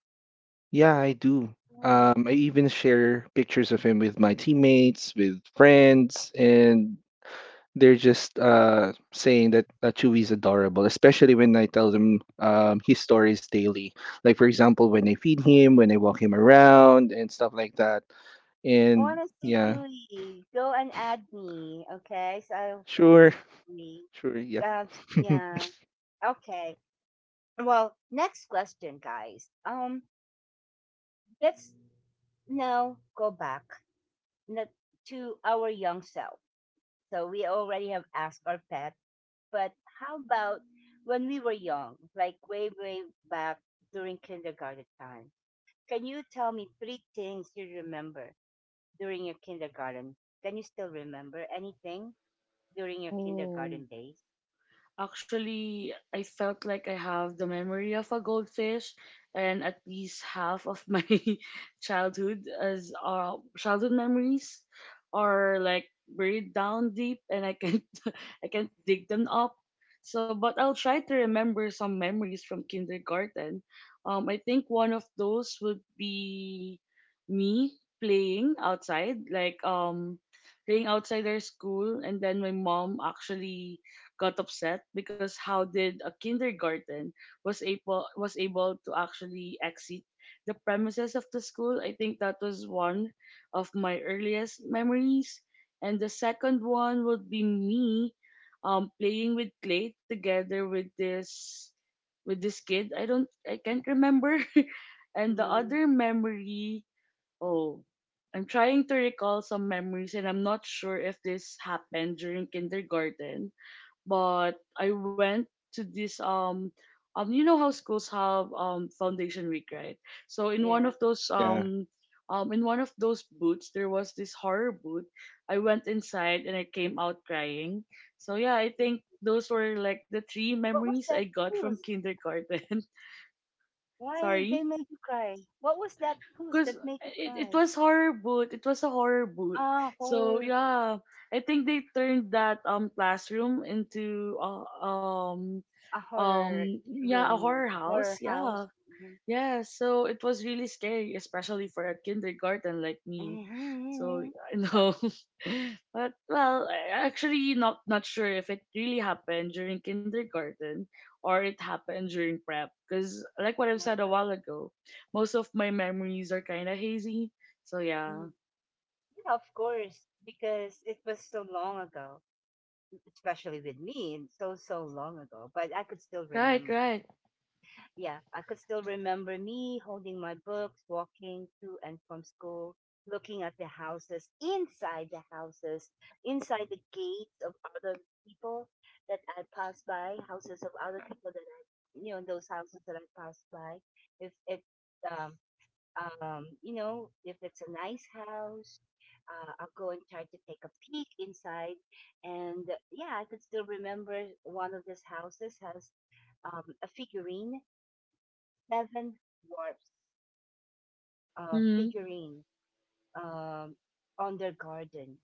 Yeah, I do.
Oh.
I even share pictures of him with my teammates, with
Mm,
friends,
mm.
and they're just saying that Chewie's adorable, especially when I tell them his stories daily. Like, for example, when I feed him, when I walk him around, and stuff like that. And
Honestly,
yeah,
Chewy, go and add me, okay? So I could
sure,
see Chewy.
sure, yep.
Uh, yeah, okay. Well, next question, guys. Let's now go back n- to our young self. So we already have asked our pet, but how about when we were young, like way, way back during kindergarten time? Can you tell me three things you remember during your kindergarten? Can you still remember anything? During your
Oh.
kindergarten days?
Actually, I felt like I have the memory of a goldfish, and at least half of my childhood as childhood memories are like buried down deep, and I can't I can't dig them up. So but I'll try to remember some memories from kindergarten. I think one of those would be me playing outside, like playing outside our school, and then my mom actually got upset because how did a kindergarten was able to actually exit the premises of the school. I think that was one of my earliest memories. And the second one would be me playing with clay together with this kid. I can't remember. and the
Mm,
other memory, oh, I'm trying to recall some memories and I'm not sure if this happened during kindergarten, but I went to this you know how schools have foundation week, right? So in one
yeah.
of those
Yeah,
in one of those booths there was this horror booth. I went inside and I came out crying. So yeah, I think those were like the three
What was
memories I
that
got from
blues?
kindergarten.
Why they
sorry,
made you cry? What was that blues
because
that made you
it
cry?
was horror boot it was a horror boot.
Ah,
So
horror.
yeah, I think they turned that classroom into
A horror
yeah, a
room. Yeah.
horror
Horror
house,
house.
yeah.
Mhm.
Yeah, so it was really scary, especially for a kindergarten like me. So I know, but well, actually not sure if it really happened during kindergarten or it happened during prep, because like what I've said a while ago, most of my memories are kind of hazy. So yeah,
Mhm. Yeah, of course, because it was so long ago, especially with me, and so, so long ago, but I could still
right,
remember.
right.
Yeah, I could still remember me holding my books, walking to and from school, looking at the houses, inside the houses, inside the gates of other people that I passed by, houses of other people that I, you know, those houses that I passed by. If it, um, you know, if it's a nice house, I'll go and try to take a peek inside. And yeah, I could still remember one of these houses has a figurine seven dwarfs
hmm
figurine um, on their garden.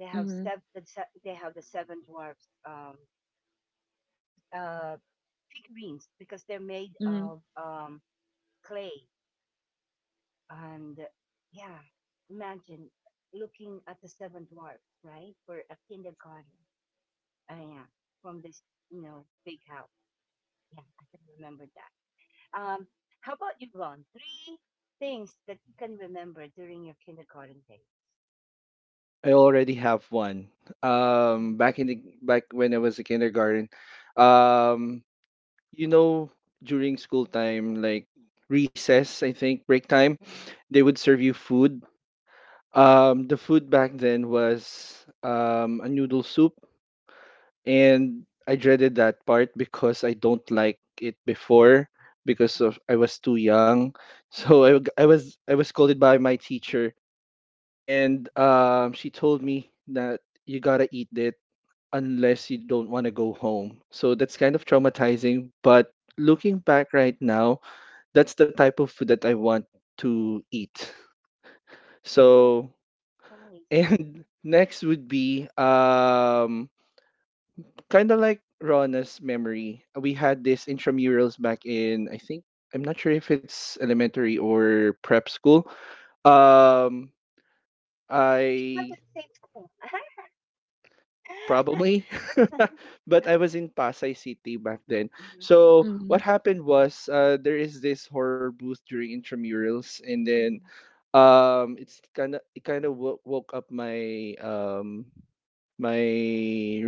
They have
hmm
seven. They have the seven dwarfs uh, figurines because they're made
hmm
of clay. And yeah, imagine looking at the seven dwarfs, right, for a kindergarten. Yeah, from this you know big house. Yeah, I can remember that. Um, how about you, Ron? Three things that you can remember during your kindergarten days.
I already have one. Back in the back when I was a kindergarten, um, you know, during school time, like recess, I think, break time,
Mm-hmm.
they would serve you food. The food back then was a noodle soup, and I dreaded that part because I don't like it before because of I was too young. So
Mhm.
I was scolded by my teacher, and she told me that you gotta eat it unless you don't want to go home. So that's kind of traumatizing, but looking back right now, that's the type of food that I want to eat.
Oh,
So,
nice.
and next would be kind of like Rona's memory. We had this intramurals back in I think I'm not sure if it's elementary or prep school. Um
Maybe it wasn't
I
faithful. Mhm.
probably but I was in Pasay City back then.
Mhm.
So what
hmm
happened was there is this horror booth during intramurals and then it's kind of woke up my my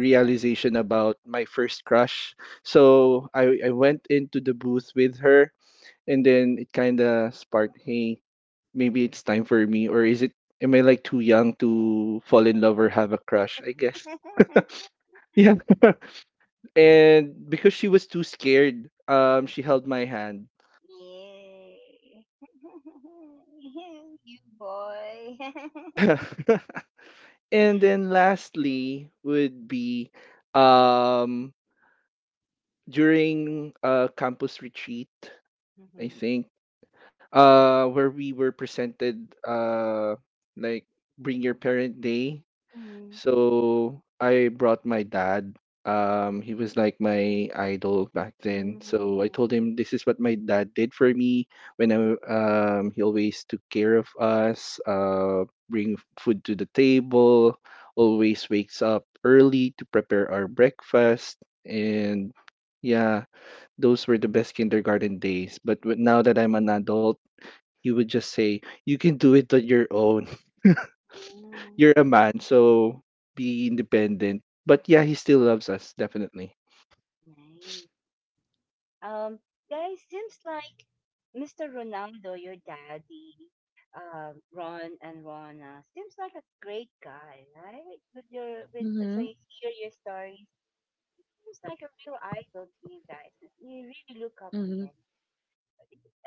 That's
about my first crush. So I went into the booth with her, and then it kind of sparked, hey, maybe it's time for me, or is it? Am I like too young to fall in
it.
love or have a crush? I guess. Yeah. And because she was too scared, she held my hand.
Yay. you boy.
Yeah. And then lastly would be um during campus retreat, I
Mhm.
think, where we were presented like bring your parent day,
Mhm.
so I brought my dad. He was like my idol back then. So I
Mhm.
told him this is what my dad did for me when he always took care of us, bring food to the table, always wakes up early to prepare our breakfast. And yeah, those were the best kindergarten days. But now that I'm an adult, he would just say, you can do it on your own.
Mhm.
You're a man, so be independent. But yeah, he still loves us, definitely.
Nice. Um, Guys, seems like Mr. Ronaldo, your daddy, Ron and Rona, seems like a great guy, right? With your with so
hmm
you hear your stories. He's like a real idol to you guys. You really look up to
hmm
him.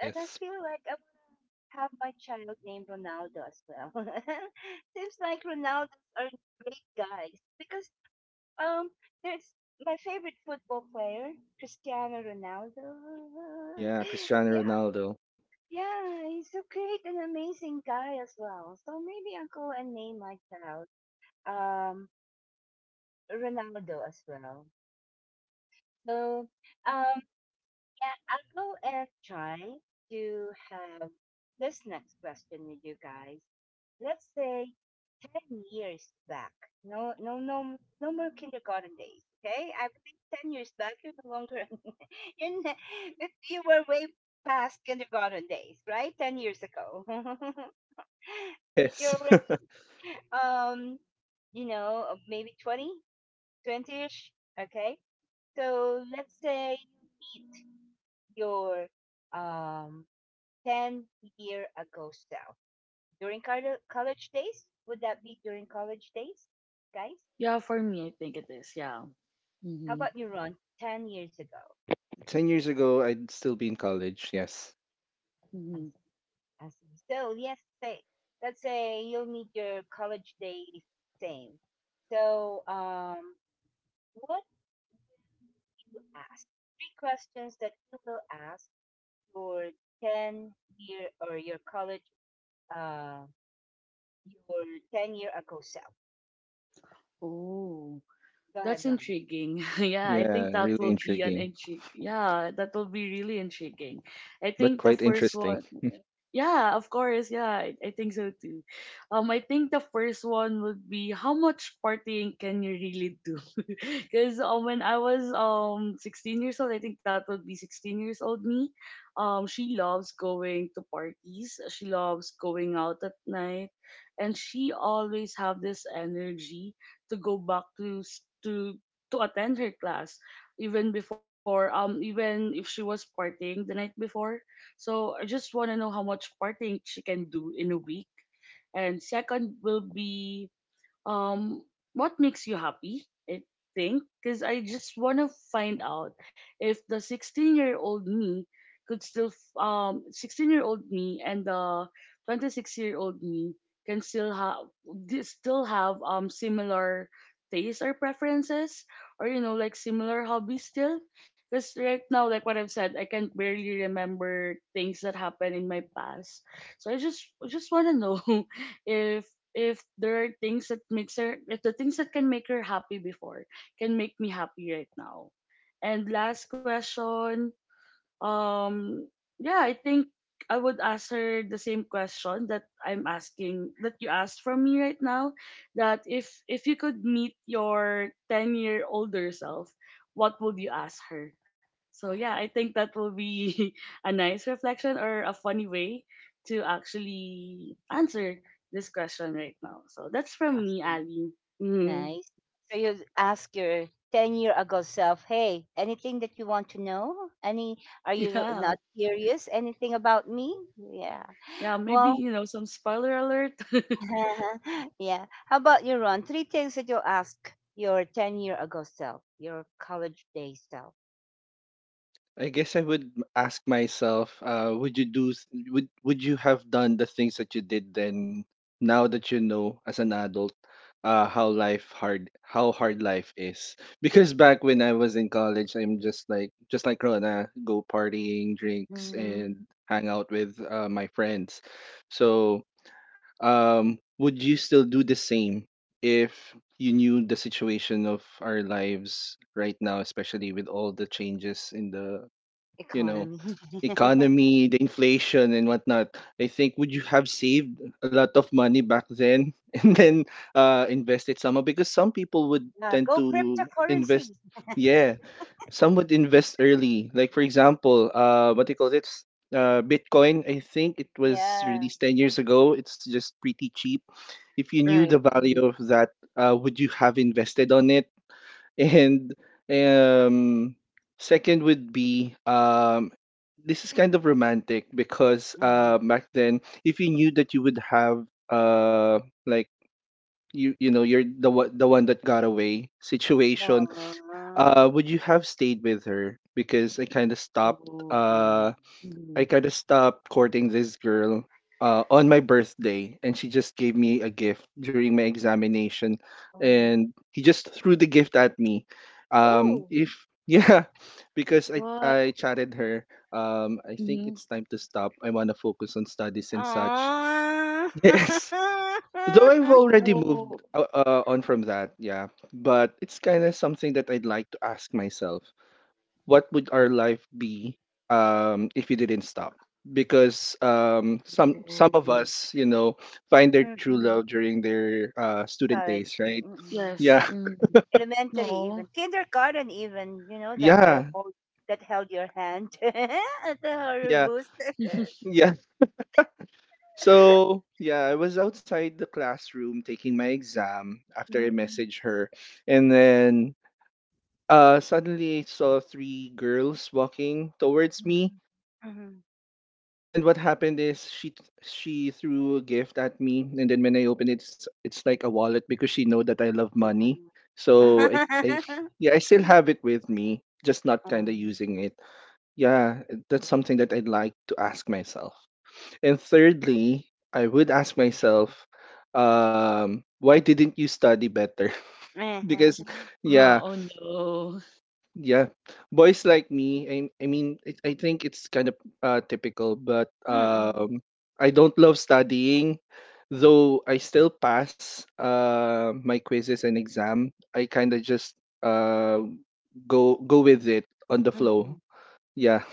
And I feel like I want to have my child named Ronaldo as well. Seems like Ronaldos are great guys because um there's my favorite football player, Cristiano Ronaldo.
Yeah, Cristiano
Yeah,
Ronaldo.
yeah, he's a great and amazing guy as well. So maybe I'll go and name my child um Ronaldo as well. So um yeah, I'll go and try to have this next question with you guys. Let's say 10 years back. No, no, no, no more kindergarten days. Okay, I believe 10 years back you're no longer in. You were way past kindergarten days, right? 10 years ago,
Yes.
you're already um, you know, maybe 20, 20-ish. Okay, so let's say you meet your um 10 year ago self during college days. Would that be during college days, guys?
yeah for me I think it is, yeah.
How
Mhm.
about you, Ron? 10 years ago.
10 years ago, I'd still be in college, yes.
I
hmm
see. I see. So yes, say let's say you'll meet your college days same. So what you ask three questions that you will ask your 10 year or your college uh, your 10 year ago self.
Oh,
Go ahead,
that's
Ronnie.
intriguing. Yeah, I
Yeah,
think that
really
will be an
intriguing,
intrigue. Yeah, that will be really intriguing. I
but
think the
quite
first
interesting.
one. Yeah, of course. Yeah, I think so too. I think the first one would be how much partying can you really do? Because when I was 16 years old, I think that would be 16 years old me. She loves going to parties. She loves going out at night, and she always have this energy to go back to s- to attend her class, even before even if she was partying the night before. So I just want to know how much partying she can do in a week. And second will be um what makes you happy, I think because I just want to find out if the 16-year-old me could still 16-year-old me and the 26-year-old me can still have similar tastes or preferences, or you know, like similar hobbies still, because right now, like what I've said, I can barely remember things that happened in my past. So I just want to know if there are things that makes her, if the things that can make her happy before can make me happy right now. And last question, Um, yeah, I think I would answer the same question that I'm asking, that you asked from me right now. That if you could meet your 10 year older self, what would you ask her? So yeah, I think that will be a nice reflection or a funny way to actually answer this question right now. So that's from me,
Asking.
Ali. Mhm.
Nice. So you ask your 10 year ago self, hey, anything that you want to know? Any, are you
Yeah,
not curious? Anything about me? Yeah.
yeah, maybe
Well,
you know, some spoiler alert.
yeah. How about you, Ron? Three things that you'll ask your 10 year ago self, your college day self.
I guess I would ask myself, would you would you have done the things that you did then, now that you know as an adult, how life hard, how hard life is? Because back when I was in college, I'm just like Rona, go partying, drinks,
Mm,
and hang out with my friends. So, would you still do the same if you knew the situation of our lives right now, especially with all the changes in the you know,
economy.
economy, the inflation and whatnot, I think would you have saved a lot of money back then and then invested somehow? Because some people would
Yeah,
tend
go
to
cryptocurrency.
invest, yeah, some would invest early. Like for example, what do you call this? Bitcoin, I think it was
Yeah.
released 10 years ago. It's just pretty cheap. If you knew the
right. Mm-hmm.
value of that, would you have invested on it? And um, second would be this is kind of romantic because
Mm.
back then, if you knew that you would have like you know you're the one that got away situation,
Uh,
would you have stayed with her? Because I kind of stopped.
Oh. Mhm.
I kind of stopped courting this girl on my birthday, and she just gave me a gift during my examination, and he just threw the gift at me.
oh.
If yeah, because I
What?
I chatted her. I think
Mhm.
it's time to stop. I wanna focus on studies and such.
Ah.
Yes. Though I've already moved
Oh.
on from that, yeah, but it's kind of something that I'd like to ask myself what would our life be if you didn't stop? Because some of
Mm.
us, you know, find their true love
Mm.
during their student days,
College.
right?
Mm.
Yes.
Yeah,
Mm.
Elementary
No.
even. Kindergarten even, you know, that girl
yeah,
hold, that held your hand at the horror
yeah,
booth.
yeah. So yeah, I was outside the classroom taking my exam after I
Mm.
messaged her, and then suddenly I saw three girls walking towards me.
Mm. Mhm.
And what happened is she threw a gift at me, and then when I opened it, it's like a wallet because she know that I love money.
Mhm.
So I yeah, I still have it with me, just not kind of
Mhm.
using it. Yeah, that's something that I'd like to ask myself. And thirdly, I would ask myself, why didn't you study better? Because
Mhm.
Huh,
yeah,
oh no.
yeah, boys like me. I mean, it, I think it's kind of typical, but
Mhm.
I don't love studying, though I still pass my quizzes and exam. I kind of just uh, go with it on the flow. Yeah,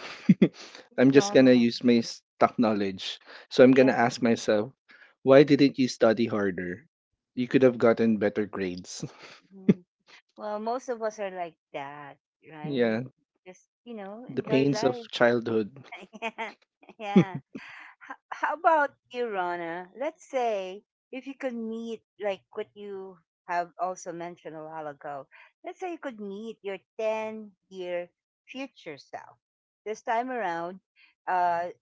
It's
I'm just gonna
normal.
use my stock knowledge. So I'm gonna
Yeah.
ask myself, why didn't you study harder? You could have gotten better grades.
Mhm. Well, most of us are like that, right?
Yeah,
Just, you know,
the
enjoy
pains of
life.
childhood.
Yeah. yeah. How about you, Rana? Let's say if you could meet, like what you have also mentioned a while ago, let's say you could meet your 10-year future self. This time around, uh,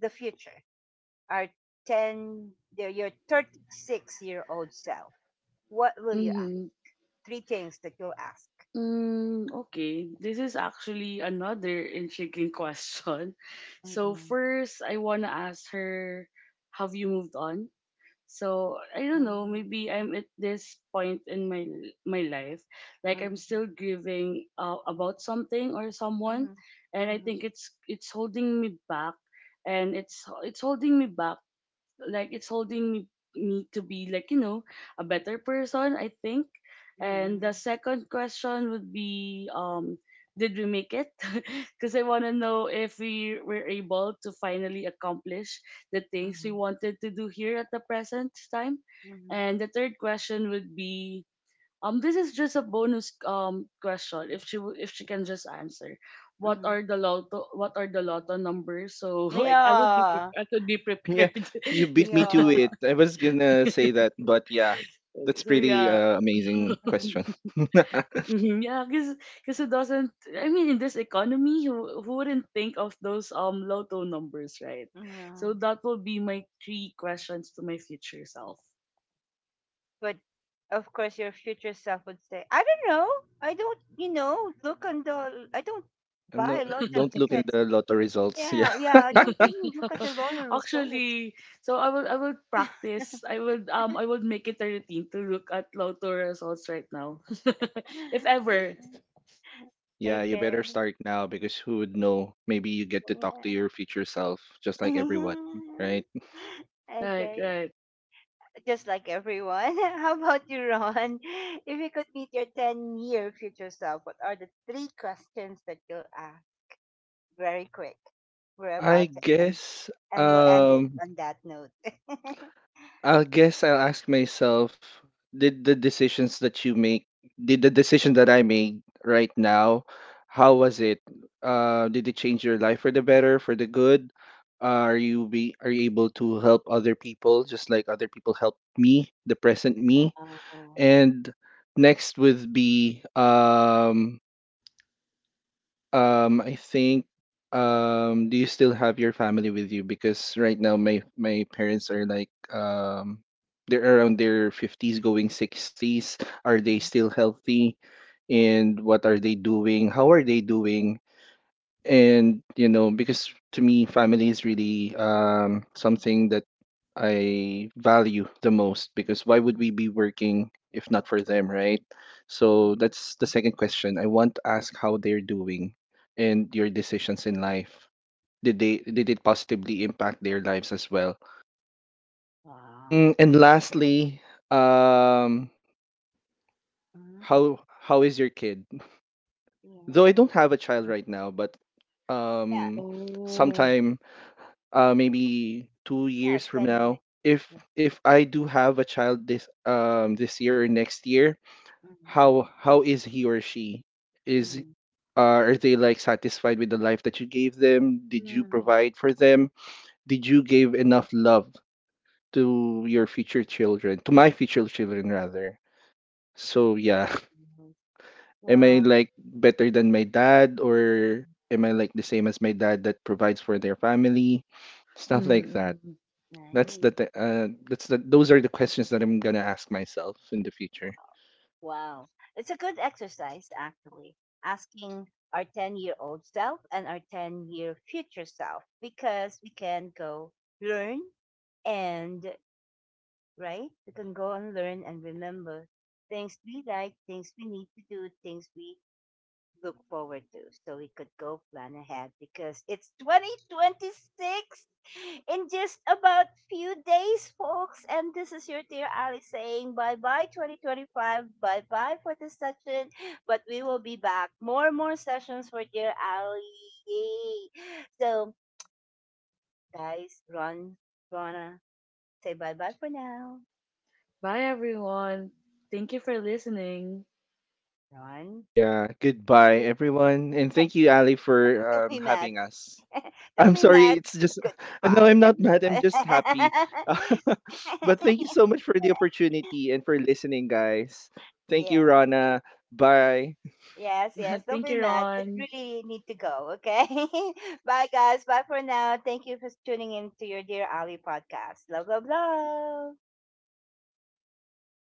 the future, our 10, your 36-year-old self. What will you ask?
Mm-hmm.
Three things that you'll ask.
Mm, okay. This is actually another intriguing question. So
Mm-mm,
first, I wanna ask her, have you moved on? So I don't know. Maybe
mm-mm,
I'm at this point in my life, like I'm
mm-mm,
still grieving about something or someone,
mm-mm,
and I
mm-mm,
think it's holding me back, and it's holding me back, like it's holding me to be like, you know, a better person, I think. And the
mm-mm,
second question would be did we make it? because I want to know if we were able to finally accomplish the things we wanted to do here at the present time.
mm-mm.
And the third question would be, this is just a bonus question. If if she can just answer, what
Mhm.
are the lotto what are the lotto numbers? So like
Yeah.
I could be
Yeah,
prepared.
you
yeah.
beat me to
Yeah.
it. I was gonna say that, but yeah, that's
so
pretty
yeah.
amazing
Mhm.
question.
Mhm, yeah, because who doesn't? I mean, in this economy, who wouldn't think of those lotto numbers, right?
Yeah.
So that will be my three questions to my future self.
But of course, your future self would say, I don't know. I don't, you know, look on the, I don't
I'm
buy
not,
lots of
don't look at
tickets.
the lotto results. Yeah,
Yeah. Yeah. I don't even look at the lottery results.
Actually, so I will practice. I would make it a routine to look at Lotto results right now. if ever.
Mm.
yeah, you better
Okay.
start now because who would know? Maybe you get to talk to
Yeah.
your future self, just like everyone, right?
Right,
Okay.
right.
Just like everyone. How about you, Ron? If you could meet your 10-year future self, what are the three questions that you'll ask? Very quick. We're
I
about to end,
guess.
and we'll end it
Um,
on that note.
I guess I'll ask myself, did the decisions that you make, did the decision that I made right now, how was it? Did it change your life for the better, for the good? Are you able to help other people just like other people helped me, the present me?
Wow.
And next would be I think do you still have your family with you? Because right now my parents are like they're around their 50s going 60s. Are they
Mhm.
still healthy? And what are they doing? How are they doing? And, you know, because to me, family is really something that I value the most because why would we be working if not for them, right? So
Right.
that's the second question. I want to ask how they're doing and your decisions in life. Did they did it positively impact their lives as well?
Wow.
Mm, and lastly, um,
Mhm.
how is your kid? Though I don't have a child right now, but
Yes.
um,
Oh.
sometime maybe two
Yeah. Yeah.
years from
10 years.
now,
Yeah.
if I do have a child this this year or next year,
Mhm.
how is he or she? Is
Mhm.
uh, are they like satisfied with the life that you gave them? Did you
Hmm.
provide for them? Did you give enough love to your future children, to my future children rather? So yeah,
Nice.
am I
Mhm.
Well,
like better than my dad or am I like the same as my dad that provides for their family? Stuff
Mhm,
like that.
mhm.
That's
nice.
the th that's the those are the questions that I'm gonna ask myself in the future.
Wow. Wow. It's a good exercise, actually, asking our 10-year-old self and our 10-year future self because we can go learn and right? We can go and learn and remember things we like, things we need to do, things we look forward to. So we could go plan ahead because it's 2026 in just about few days, folks. And this is your dear Ali saying bye-bye 2025, bye-bye for this session. But we will be back. More and more sessions for dear Ali. Yay. So guys, Ron, Rana, say bye-bye for now.
Bye everyone. Thank you for listening.
Ron,
Yeah, goodbye
Run.
everyone, and thank you Ali for
Don't be mad.
having us.
Don't
I'm
be
sorry,
mad.
it's just no,
Goodbye,
I'm not mad, I'm
everybody.
just happy. But thank you so much for the opportunity and for listening, guys. Thank
Yeah.
you, Rana. Bye.
Yes, yes. Don't
Thank
be
you,
mad. It
Ron.
really need to go. Okay. Bye, guys. Bye for now. Thank you for tuning in to your dear Ali podcast. Love, love, love.